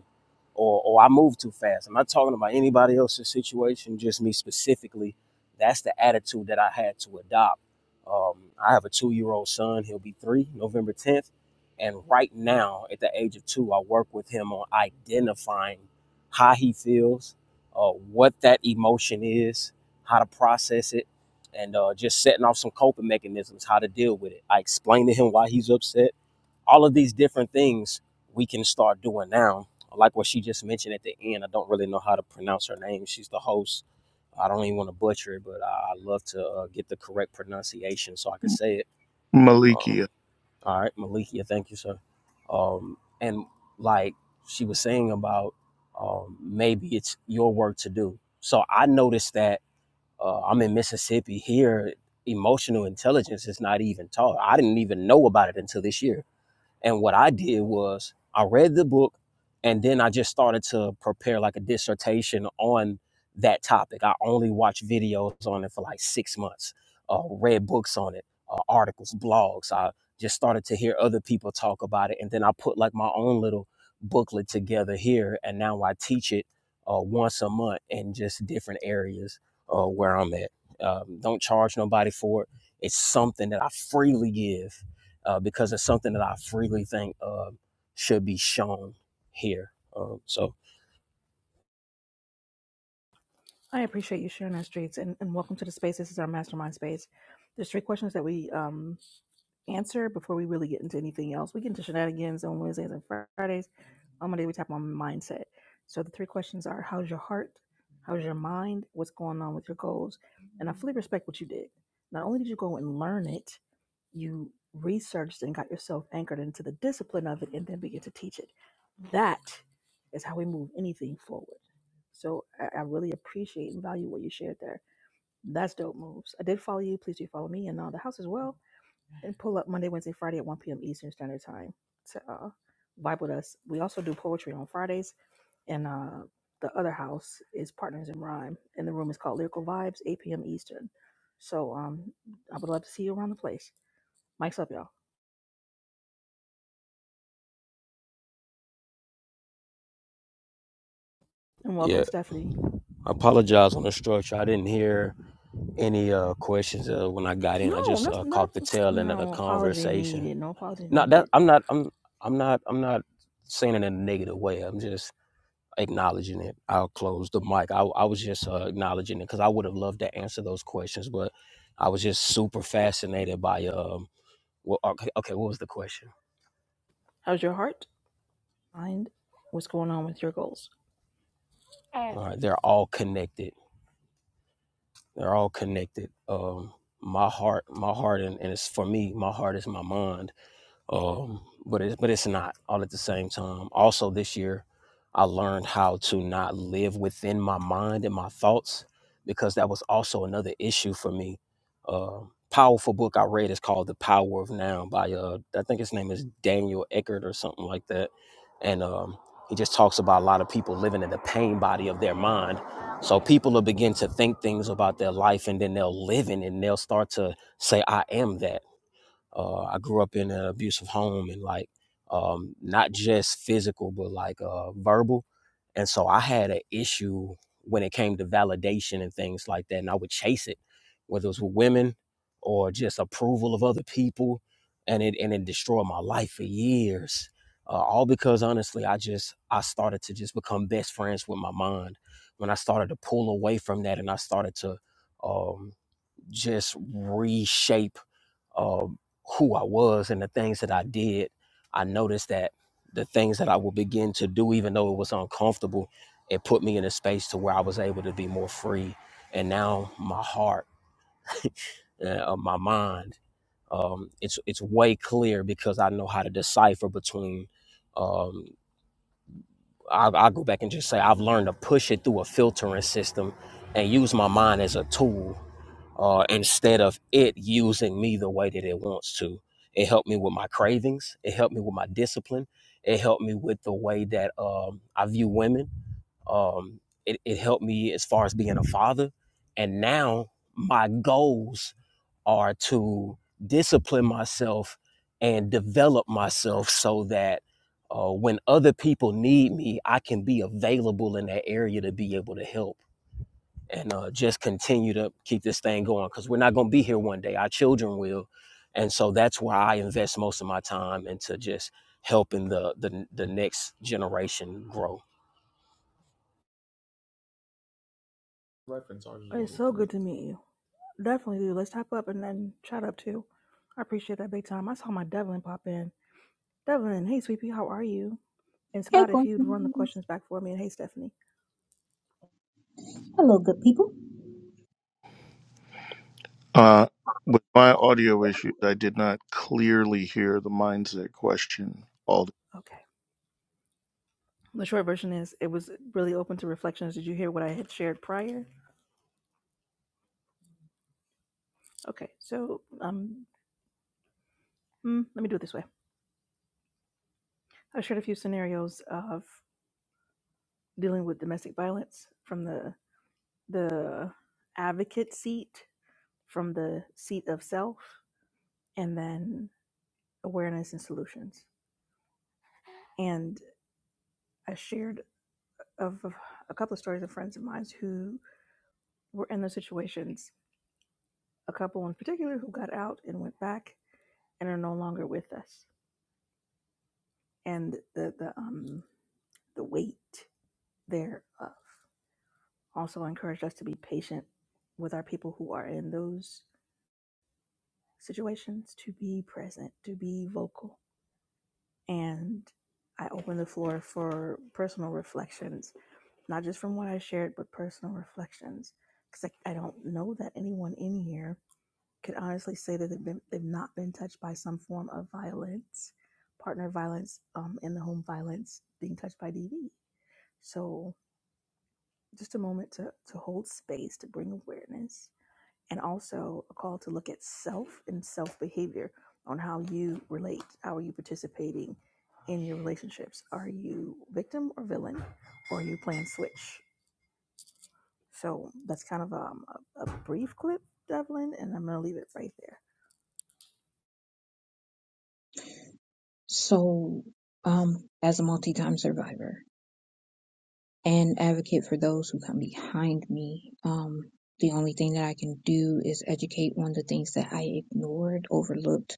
Speaker 7: or or I move too fast. I'm not talking about anybody else's situation, just me specifically. That's the attitude that I had to adopt. Um, I have a two-year-old son. He'll be three November 10th, and right now, at the age of two, I work with him on identifying how he feels, uh, what that emotion is, how to process it and uh, just setting off some coping mechanisms, how to deal with it. I explained to him why he's upset. All of these different things we can start doing now. Like what she just mentioned at the end, I don't really know how to pronounce her name. She's the host. I don't even want to butcher it, but I, I love to uh, get the correct pronunciation so I can say it. Um,
Speaker 2: Malikia.
Speaker 7: all right, Malikia, thank you, sir. Um, and like she was saying about um, maybe it's your work to do. So I noticed that uh, I'm in Mississippi here. Emotional intelligence is not even taught. I didn't even know about it until this year and what I did was I read the book and then I just started to prepare like a dissertation on that topic. I only watched videos on it for like six months, uh, read books on it, uh, articles, blogs. I just started to hear other people talk about it. And then I put like my own little booklet together here. And now I teach it uh, once a month in just different areas uh, where I'm at. Um, don't charge nobody for it. It's something that I freely give uh, because it's something that I freely think um should be shown here. Um, so
Speaker 1: I appreciate you sharing our streets and, and welcome to the space. This is our mastermind space. There's three questions that we um, answer before we really get into anything else. We get into shenanigans on Wednesdays and Fridays. On Monday, we tap on mindset. So the three questions are how's your heart? How's your mind? What's going on with your goals? And I fully respect what you did. Not only did you go and learn it, you researched and got yourself anchored into the discipline of it and then begin to teach it. That is how we move anything forward. So I, I really appreciate and value what you shared there. That's dope moves. I did follow you. Please do follow me and uh, the house as well and pull up Monday, Wednesday, Friday at 1 p.m. Eastern Standard Time to uh, vibe with us. We also do poetry on Fridays, and uh, the other house is Partners in Rhyme, and the room is called Lyrical Vibes, 8 p.m. Eastern. So um, I would love to see you around the place. Mike's up, y'all. And welcome,
Speaker 7: yeah,
Speaker 1: Stephanie.
Speaker 7: I apologize on the structure. I didn't hear any uh, questions uh, when I got in. I
Speaker 1: No,
Speaker 7: just
Speaker 1: that's
Speaker 7: uh,
Speaker 1: not
Speaker 7: caught the tail end of the
Speaker 1: no apology
Speaker 7: conversation.
Speaker 1: needed. No apology
Speaker 7: Not that
Speaker 1: needed.
Speaker 7: I'm not I'm I'm not I'm not saying it in a negative way. I'm just acknowledging it. I'll close the mic. I I was just uh, acknowledging it because I would have loved to answer those questions, but I was just super fascinated by um. Well, okay, okay, what was the question?
Speaker 1: How's your heart? Mind? What's going on with your goals? Uh,
Speaker 7: All right, they're all connected. They're all connected. Um, my heart, my heart, and, and it's for me. My heart is my mind um, but it's but it's not all at the same time. Also, this year, I learned how to not live within my mind and my thoughts because that was also another issue for me. Uh, powerful book I read is called The Power of Now by uh, I think his name is Daniel Eckert or something like that, and um, he just talks about a lot of people living in the pain body of their mind. So people will begin to think things about their life, and then they'll live in it, and they'll start to say, "I am that." Uh, I grew up in an abusive home and like um, not just physical, but like uh, verbal. And so I had an issue when it came to validation and things like that. And I would chase it, whether it was with women or just approval of other people. And it, and it destroyed my life for years. Uh, all because honestly, I just, I started to just become best friends with my mind. When I started to pull away from that and I started to um, just reshape um, who I was and the things that I did, I noticed that the things that I would begin to do, even though it was uncomfortable, it put me in a space to where I was able to be more free. And now my heart, uh, uh, my mind, um, it's it's way clear because I know how to decipher between. um, I'll, I'll go back and just say I've learned to push it through a filtering system and use my mind as a tool uh, instead of it using me the way that it wants to. It helped me with my cravings. It helped me with my discipline. It helped me with the way that um, I view women. Um, it, it helped me as far as being a father. And now my goals are to discipline myself and develop myself so that uh, when other people need me, I can be available in that area to be able to help and uh, just continue to keep this thing going because we're not going to be here one day. Our children will, and so that's why I invest most of my time into just helping the the, the next generation grow.
Speaker 1: It's so good to meet you. Definitely dude. Let's type up and then chat up too. I appreciate that big time. I saw my Devlin pop in. Devlin, hey, sweetie, how are you? And
Speaker 8: Hey,
Speaker 1: Scott, if you'd run the
Speaker 8: Coincidence.
Speaker 1: questions back for me, and hey, Stephanie.
Speaker 8: Hello, good people.
Speaker 2: Uh, with my audio issues, I did not clearly hear the mindset question. All
Speaker 1: Okay. The short version is it was really open to reflections. Did you hear what I had shared prior? Okay, so um, mm, let me do it this way. I shared a few scenarios of dealing with domestic violence from the the advocate seat, from the seat of self, and then awareness and solutions. And I shared of of a couple of stories of friends of mine who were in those situations. A couple in particular who got out and went back and are no longer with us. And the the um the weight thereof also encouraged us to be patient with our people who are in those situations, to be present, to be vocal. And I open the floor for personal reflections not just from what I shared, but personal reflections. Because I, I don't know that anyone in here could honestly say that they've, been, they've not been touched by some form of violence, partner violence, um, in the home violence, being touched by DV. So, just a moment to, to hold space, to bring awareness, and also a call to look at self and self behavior on how you relate. How are you participating in your relationships? Are you victim or villain? Or are you playing switch? So that's kind of um, a, a brief clip, Devlin, and I'm going to leave it right there.
Speaker 8: So, um, as a multi-time survivor and advocate for those who come behind me, um, the only thing that I can do is educate on the things that I ignored, overlooked,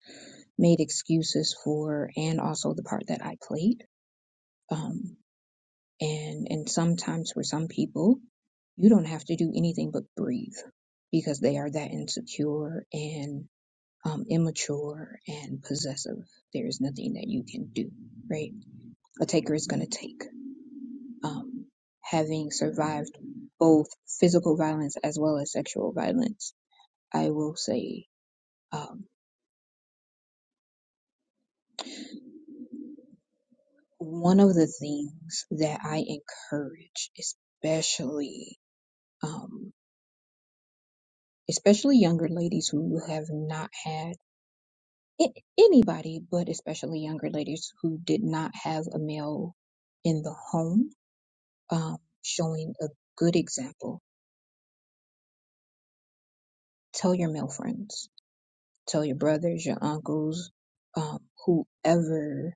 Speaker 8: made excuses for, and also the part that I played. Um, and and sometimes for some people, you don't have to do anything but breathe because they are that insecure and. um, immature and possessive. There is nothing that you can do, right? A taker is going to take. Um, having survived both physical violence as well as sexual violence, I will say um, one of the things that I encourage, especially um, especially younger ladies who have not had a- anybody, but especially younger ladies who did not have a male in the home um, showing a good example. Tell your male friends, tell your brothers, your uncles, um, whoever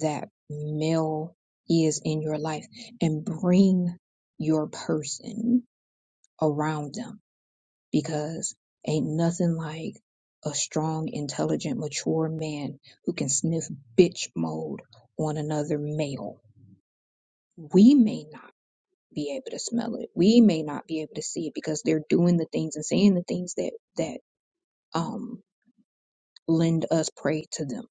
Speaker 8: that male is in your life, and bring your person around them because ain't nothing like a strong, intelligent, mature man who can sniff bitch mode on another male. We may not. be able to smell it. We may not be able to see it because they're doing the things and saying the things that that um lend us prey to them.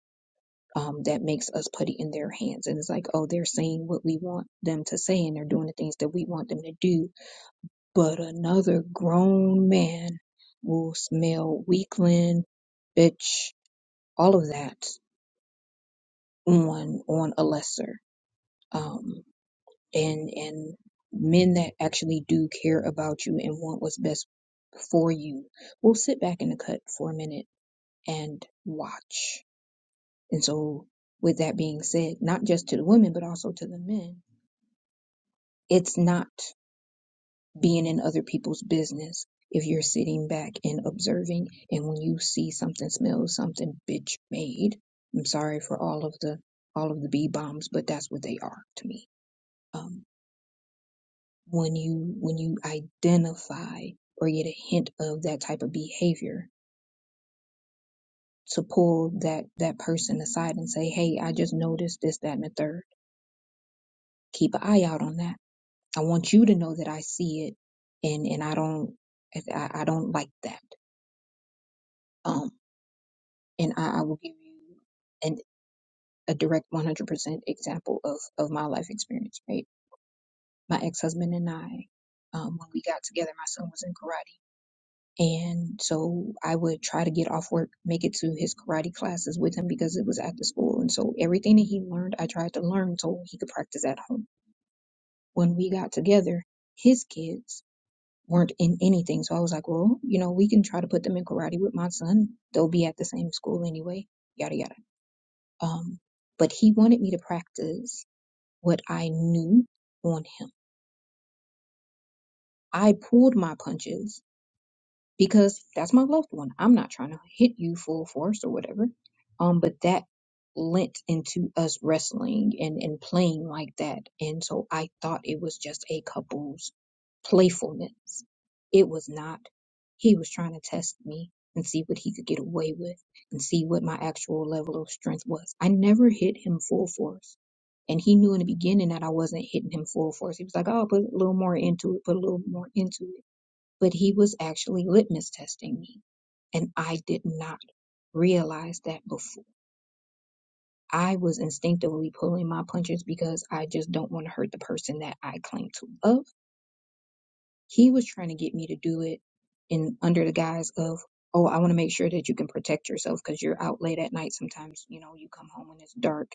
Speaker 8: Um, that makes us put it in their hands. And it's like, oh, they're saying what we want them to say and they're doing the things that we want them to do. But another grown man will smell weakling, bitch, all of that on on a lesser. Um, and and men that actually do care about you and want what's best for you will sit back in the cut for a minute and watch. And so with that being said, not just to the women but also to the men, it's not being in other people's business if you're sitting back and observing and when you see something smell something bitch made. I'm sorry for all of the all of the B bombs, but that's what they are to me. Um, when you when you identify or get a hint of that type of behavior to pull that that person aside and say hey i just noticed this that and the third keep an eye out on that i want you to know that i see it and and i don't i, I don't like that um and i, I will give you an a direct 100% example of of my life experience right my ex-husband and i um, when we got together my son was in karate And so I would try to get off work, make it to his karate classes with him because it was at the school. And so everything that he learned, I tried to learn so he could practice at home. When we got together, his kids weren't in anything. So I was like, well, you know, we can try to put them in karate with my son. They'll be at the same school anyway, yada, yada. Um, but he wanted me to practice what I knew on him. I pulled my punches because that's my loved one. I'm not trying to hit you full force or whatever. Um, but that lent into us wrestling and, and playing like that. And so I thought it was just a couple's playfulness. It was not. He was trying to test me and see what he could get away with and see what my actual level of strength was. I never hit him full force. And he knew in the beginning that I wasn't hitting him full force. He was like, oh, put a little more into it, put a little more into it but he was actually litmus testing me. And I did not realize that before. I was instinctively pulling my punches because I just don't want to hurt the person that I claim to love. He was trying to get me to do it in under the guise of, oh, I want to make sure that you can protect yourself because you're out late at night. Sometimes, you know, you come home when it's dark,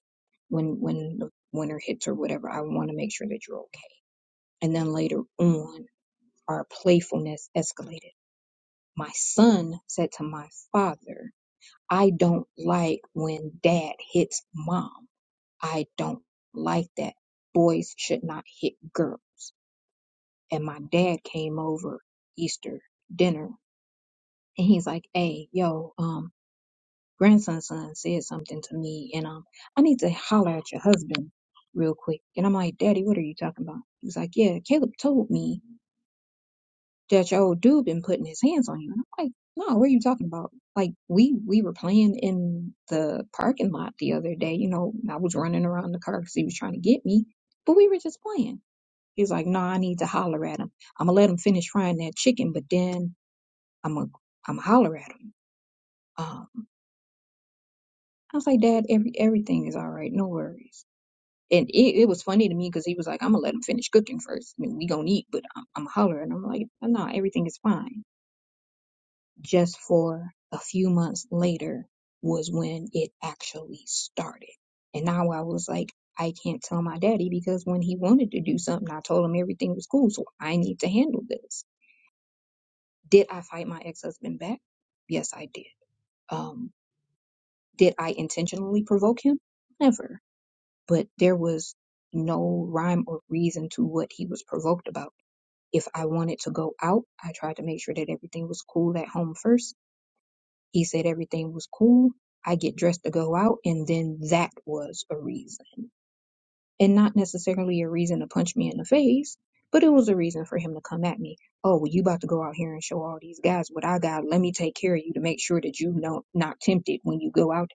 Speaker 8: when when the winter hits or whatever. I want to make sure that you're okay. And then later on, our playfulness escalated My son said to my father, I don't like when dad hits mom. I don't like that. Boys should not hit girls. And my dad came over Easter dinner and he's like, Hey, yo, um, grandson's son said something to me and um I need to holler at your husband real quick. And I'm like, Daddy, what are you talking about? He was like, Yeah, Caleb told me that your old dude been putting his hands on you. And I'm like, no, what are you talking about? Like we we were playing in the parking lot the other day. You know, I was running around the car because he was trying to get me, but we were just playing. He's like, no, I need to holler at him. I'm gonna let him finish frying that chicken, but then I'm gonna I'm gonna holler at him. Um, I was like, Dad, every everything is all right, no worries. And it, it was funny to me because he was like, I'm gonna let him finish cooking first. I mean, we gonna eat, but I'm, I'm gonna holler. And I'm like, no, everything is fine. just for a few months later was when it actually started. And now I was like, I can't tell my daddy because when he wanted to do something, I told him everything was cool. So I need to handle this. Did I fight my ex husband back? Yes, I did. Um, did I intentionally provoke him? Never. But there was no rhyme or reason to what he was provoked about. If I wanted to go out, I tried to make sure that everything was cool at home first He said everything was cool. I get dressed to go out, and then that was a reason. And not necessarily a reason to punch me in the face, but it was a reason for him to come at me. Oh, well, you about to go out here and show all these guys what I got. Let me take care of you to make sure that you know not tempted when you go out.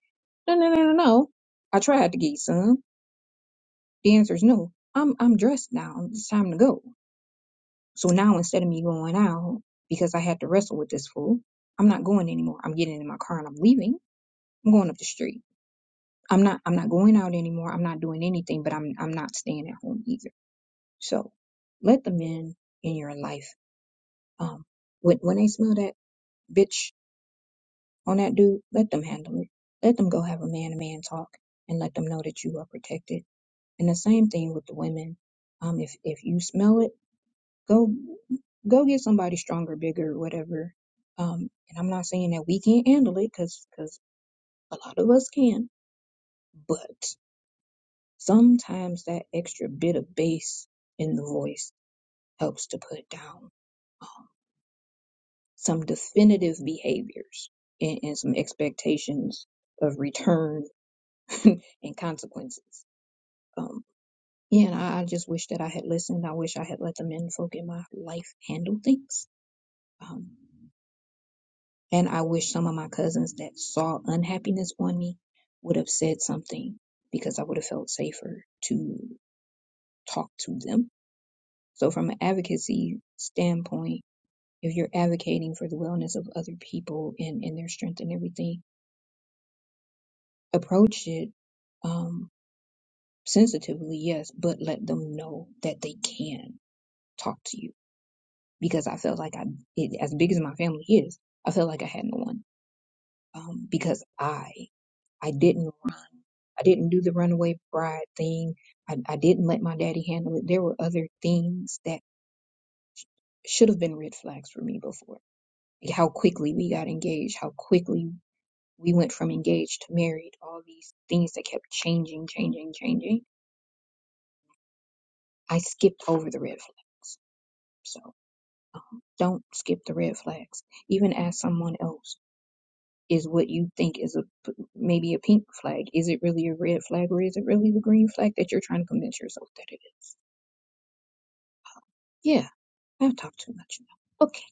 Speaker 8: No, no, no, no, no. I tried to get you some. The answer is no. I'm I'm dressed now. It's time to go. So now instead of me going out because I had to wrestle with this fool, I'm not going anymore. I'm getting in my car and I'm leaving. I'm going up the street. I'm not I'm not going out anymore. I'm not doing anything, but I'm I'm not staying at home either. So let the men in your life um when when they smell that bitch on that dude, let them handle it. Let them go have a man to man talk and let them know that you are protected. And the same thing with the women. Um if if you smell it, go go get somebody stronger, bigger, whatever. Um and I'm not saying that we can't handle it cuz cuz a lot of us can, but Sometimes that extra bit of bass in the voice helps to put down some definitive behaviors and, and some expectations of return and consequences. Um, yeah, and I, I just wish that I had listened. I wish I had let the men folk in my life handle things. Um, and I wish some of my cousins that saw unhappiness on me would have said something because I would have felt safer to talk to them. So, from an advocacy standpoint, if you're advocating for the wellness of other people and, and their strength and everything, approach it um, sensitively, yes, but let them know that they can talk to you. Because I felt like I, it, as big as my family is, I felt like I had no one. Um, because I, I didn't, run. I didn't do the runaway bride thing. I, I didn't let my daddy handle it. There were other things that should have been red flags for me before. How quickly we got engaged, how quickly we went from engaged to married, all these things that kept changing, changing, changing. I skipped over the red flags. So don't skip the red flags. Even ask someone else, is what you think is a maybe a pink flag, is it really a red flag or is it really the green flag that you're trying to convince yourself that it is? Yeah, I've talked too much now. Okay,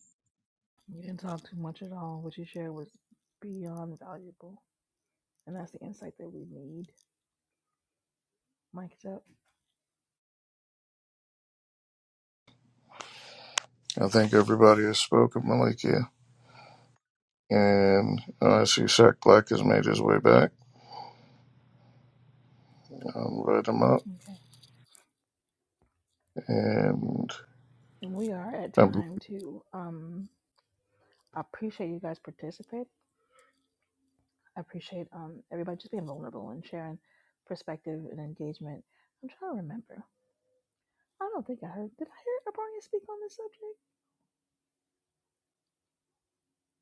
Speaker 1: You didn't talk too much at all. What you shared was beyond valuable. And that's the insight that we need. Mic's up.
Speaker 2: I think everybody has spoken, Malikia. And uh, I see Sack Black has made his way back. I'll invite him up.
Speaker 1: Okay.
Speaker 2: And
Speaker 1: And we are at
Speaker 2: I
Speaker 1: time too. Um, I appreciate you guys participate. I appreciate um, everybody just being vulnerable and sharing perspective and engagement. I'm trying to remember. I don't think I heard. Did I hear Abronia speak on this subject?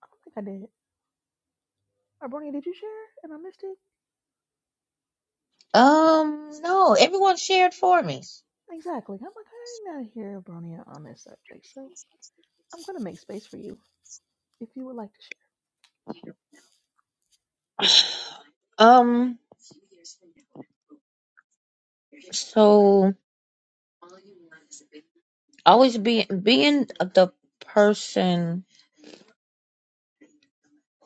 Speaker 1: I don't think I did. Abronia, did you share? And I missed it?
Speaker 3: Um, no, everyone shared for me.
Speaker 1: Exactly. I'm like, I did not hear Bronia on this subject, so I'm going to make space for you if you would like to share.
Speaker 3: Um, so always be being the person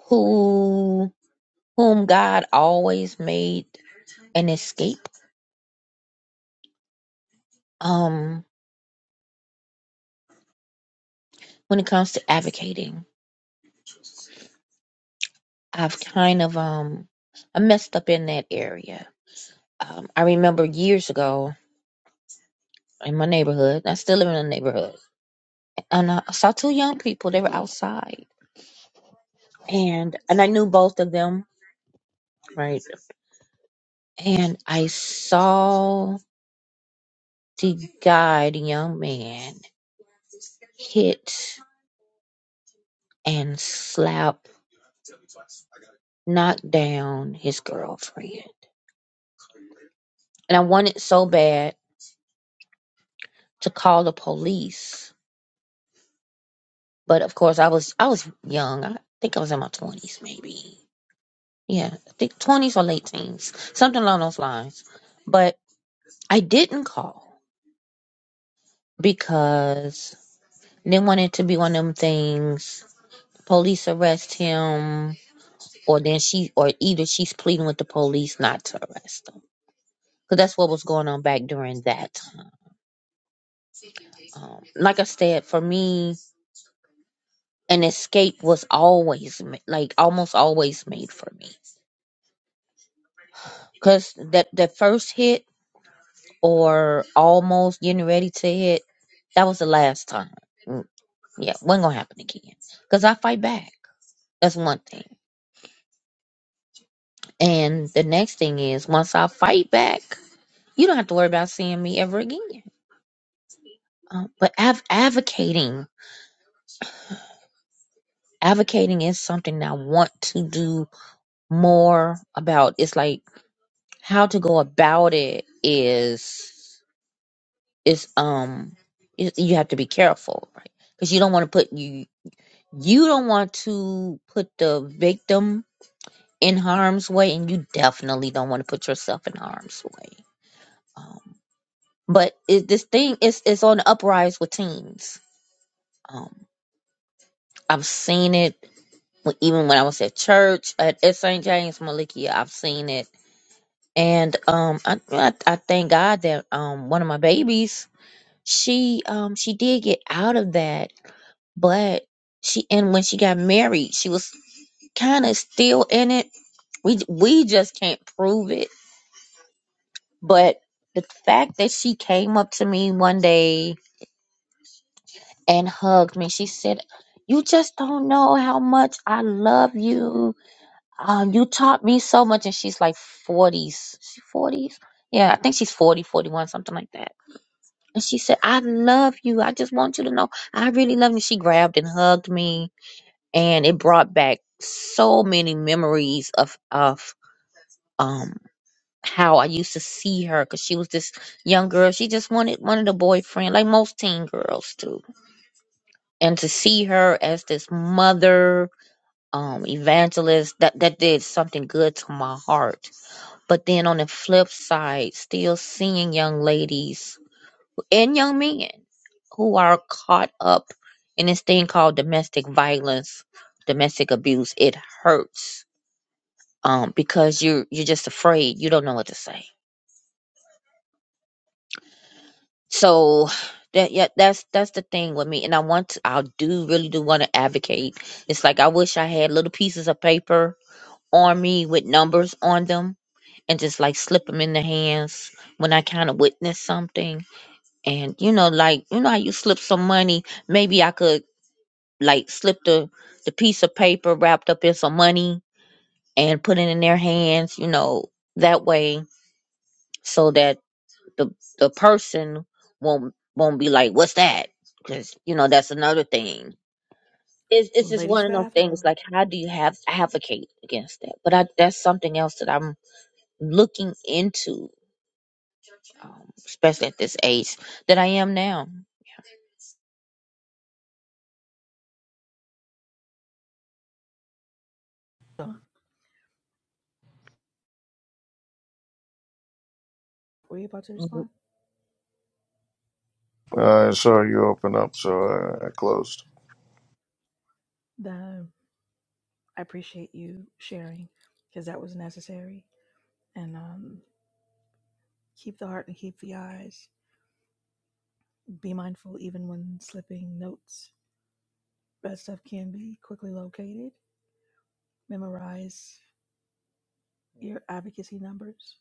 Speaker 3: who whom God always made an escape. Um, when it comes to advocating, I've kind of um I messed up in that area. Um, I remember years ago in my neighborhood, I still live in a neighborhood, and I saw two young people. They were outside, and and I knew both of them, right? And I saw the guy, the young man, hit and slap, knock down his girlfriend, and I wanted so bad to call the police But of course, I was I was young. I think I was in my twenties, maybe. Yeah, I think twenties or late teens, something along those lines. But I didn't call because they wanted to be one of them things. Police arrest him, or then she, or either she's pleading with the police not to arrest him. Because that's what was going on back during that time. Um, like I said, for me, an escape was always ma- like almost always made for me. Because that that first hit or almost getting ready to hit, that was the last time. Mm, Yeah, wasn't gonna happen again. Cause I fight back. That's one thing. And the next thing is, once I fight back, you don't have to worry about seeing me ever again. Um, but av- advocating, advocating is something that I want to do more about. It's like how to go about it is is um you you have to be careful, right? Because you don't want to put you You don't want to put the victim in harm's way, and you definitely don't want to put yourself in harm's way. Um, but it, this thing is is on the uprise with teens. Um, I've seen it when- even when I was at church at, at St. James Malikia. I've seen it, and um, I, I I thank God that um one of my babies she um she did get out of that, but she and when she got married, she was kind of still in it We we just can't prove it. But the fact that she came up to me one day and hugged me, she said, "You just don't know how much I love you. Um, you taught me so much." And she's like forties, she forties, yeah, I think she's 40, 41, something like that. And she said, "I love you. I just want you to know I really love you." She grabbed and hugged me, and it brought back so many memories of of. um. how I used to see her because she was this young girl. She just wanted wanted a boyfriend, like most teen girls do. And to see her as this mother, um, evangelist, that that did something good to my heart. But then on the flip side, still seeing young ladies and young men who are caught up in this thing called domestic violence, domestic abuse. It hurts. Um, because you're you're just afraid. You don't know what to say so that yeah that's that's the thing with me and i want to, i do really do want to advocate it's like i wish i had little pieces of paper on me with numbers on them and just like slip them in the hands when i kind of witness something and you know like you know how you slip some money maybe i could like slip the the piece of paper wrapped up in some money and put it in their hands you know that way so that the the person won't won't be like, "What's that?" Because you know that's another thing. It's it's just
Speaker 1: Ladies'
Speaker 3: one of those things.
Speaker 1: bathroom.
Speaker 3: Like, how do you have advocate against that? But I, that's something else that I'm looking into, um, especially at this age that I am now.
Speaker 1: Don, were you about to
Speaker 8: number
Speaker 1: respond?
Speaker 2: I saw you open up, so I I
Speaker 1: Okay.
Speaker 2: closed.
Speaker 1: Then I appreciate you sharing because that was necessary. And um, keep the heart and keep the eyes. Be mindful even when slipping notes. Red stuff can be quickly located. Memorize your advocacy numbers.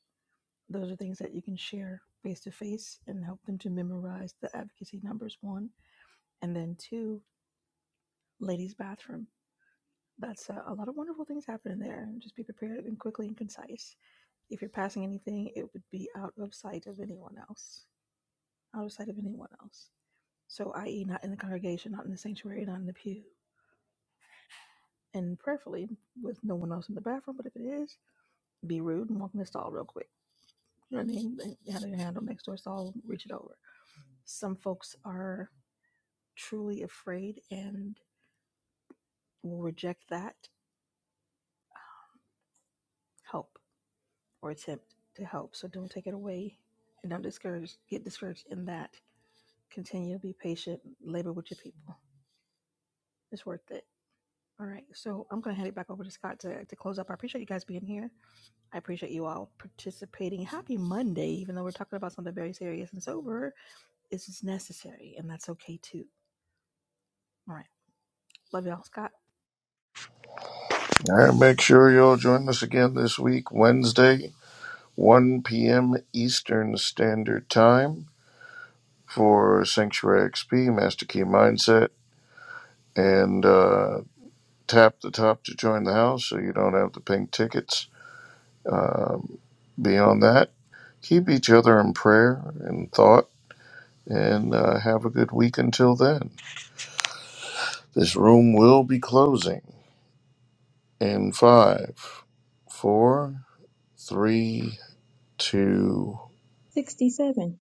Speaker 1: Those are things that you can share face to face and help them to memorize the advocacy numbers, one. And then two, ladies' bathroom. That's uh, a lot of wonderful things happening there. Just be prepared and quickly and concise. If you're passing anything, it would be out of sight of anyone else. Out of sight of anyone else. So, i.e., not in the congregation, not in the sanctuary, not in the pews. and prayerfully with no one else in the bathroom. But if it is, be rude and walk in the stall real quick. You know what I mean? They they have their handle next door stall, reach it over. Some folks are truly afraid and will reject that help or attempt to help. So don't take it away and don't discourage get discouraged in that. Continue to be patient, labor with your people. It's worth it. All right. So I'm gonna hand it back over to Scott to, to close up. I appreciate you guys being here. I appreciate you all participating. Happy Monday, even though we're talking about something very serious and sober. It's just necessary, and that's okay too. All right. Love y'all. Scott.
Speaker 2: All right, make sure you'll join us again this week, Wednesday, 1 p.m. Eastern Standard Time for Sanctuary XP, Master Key Mindset, and uh, tap the top to join the house so you don't have to pink tickets. Um, beyond that, keep each other in prayer and thought, and uh, have a good week until then. This room will be closing in five, four, Three, two,
Speaker 8: 67.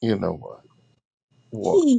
Speaker 2: you know what? One.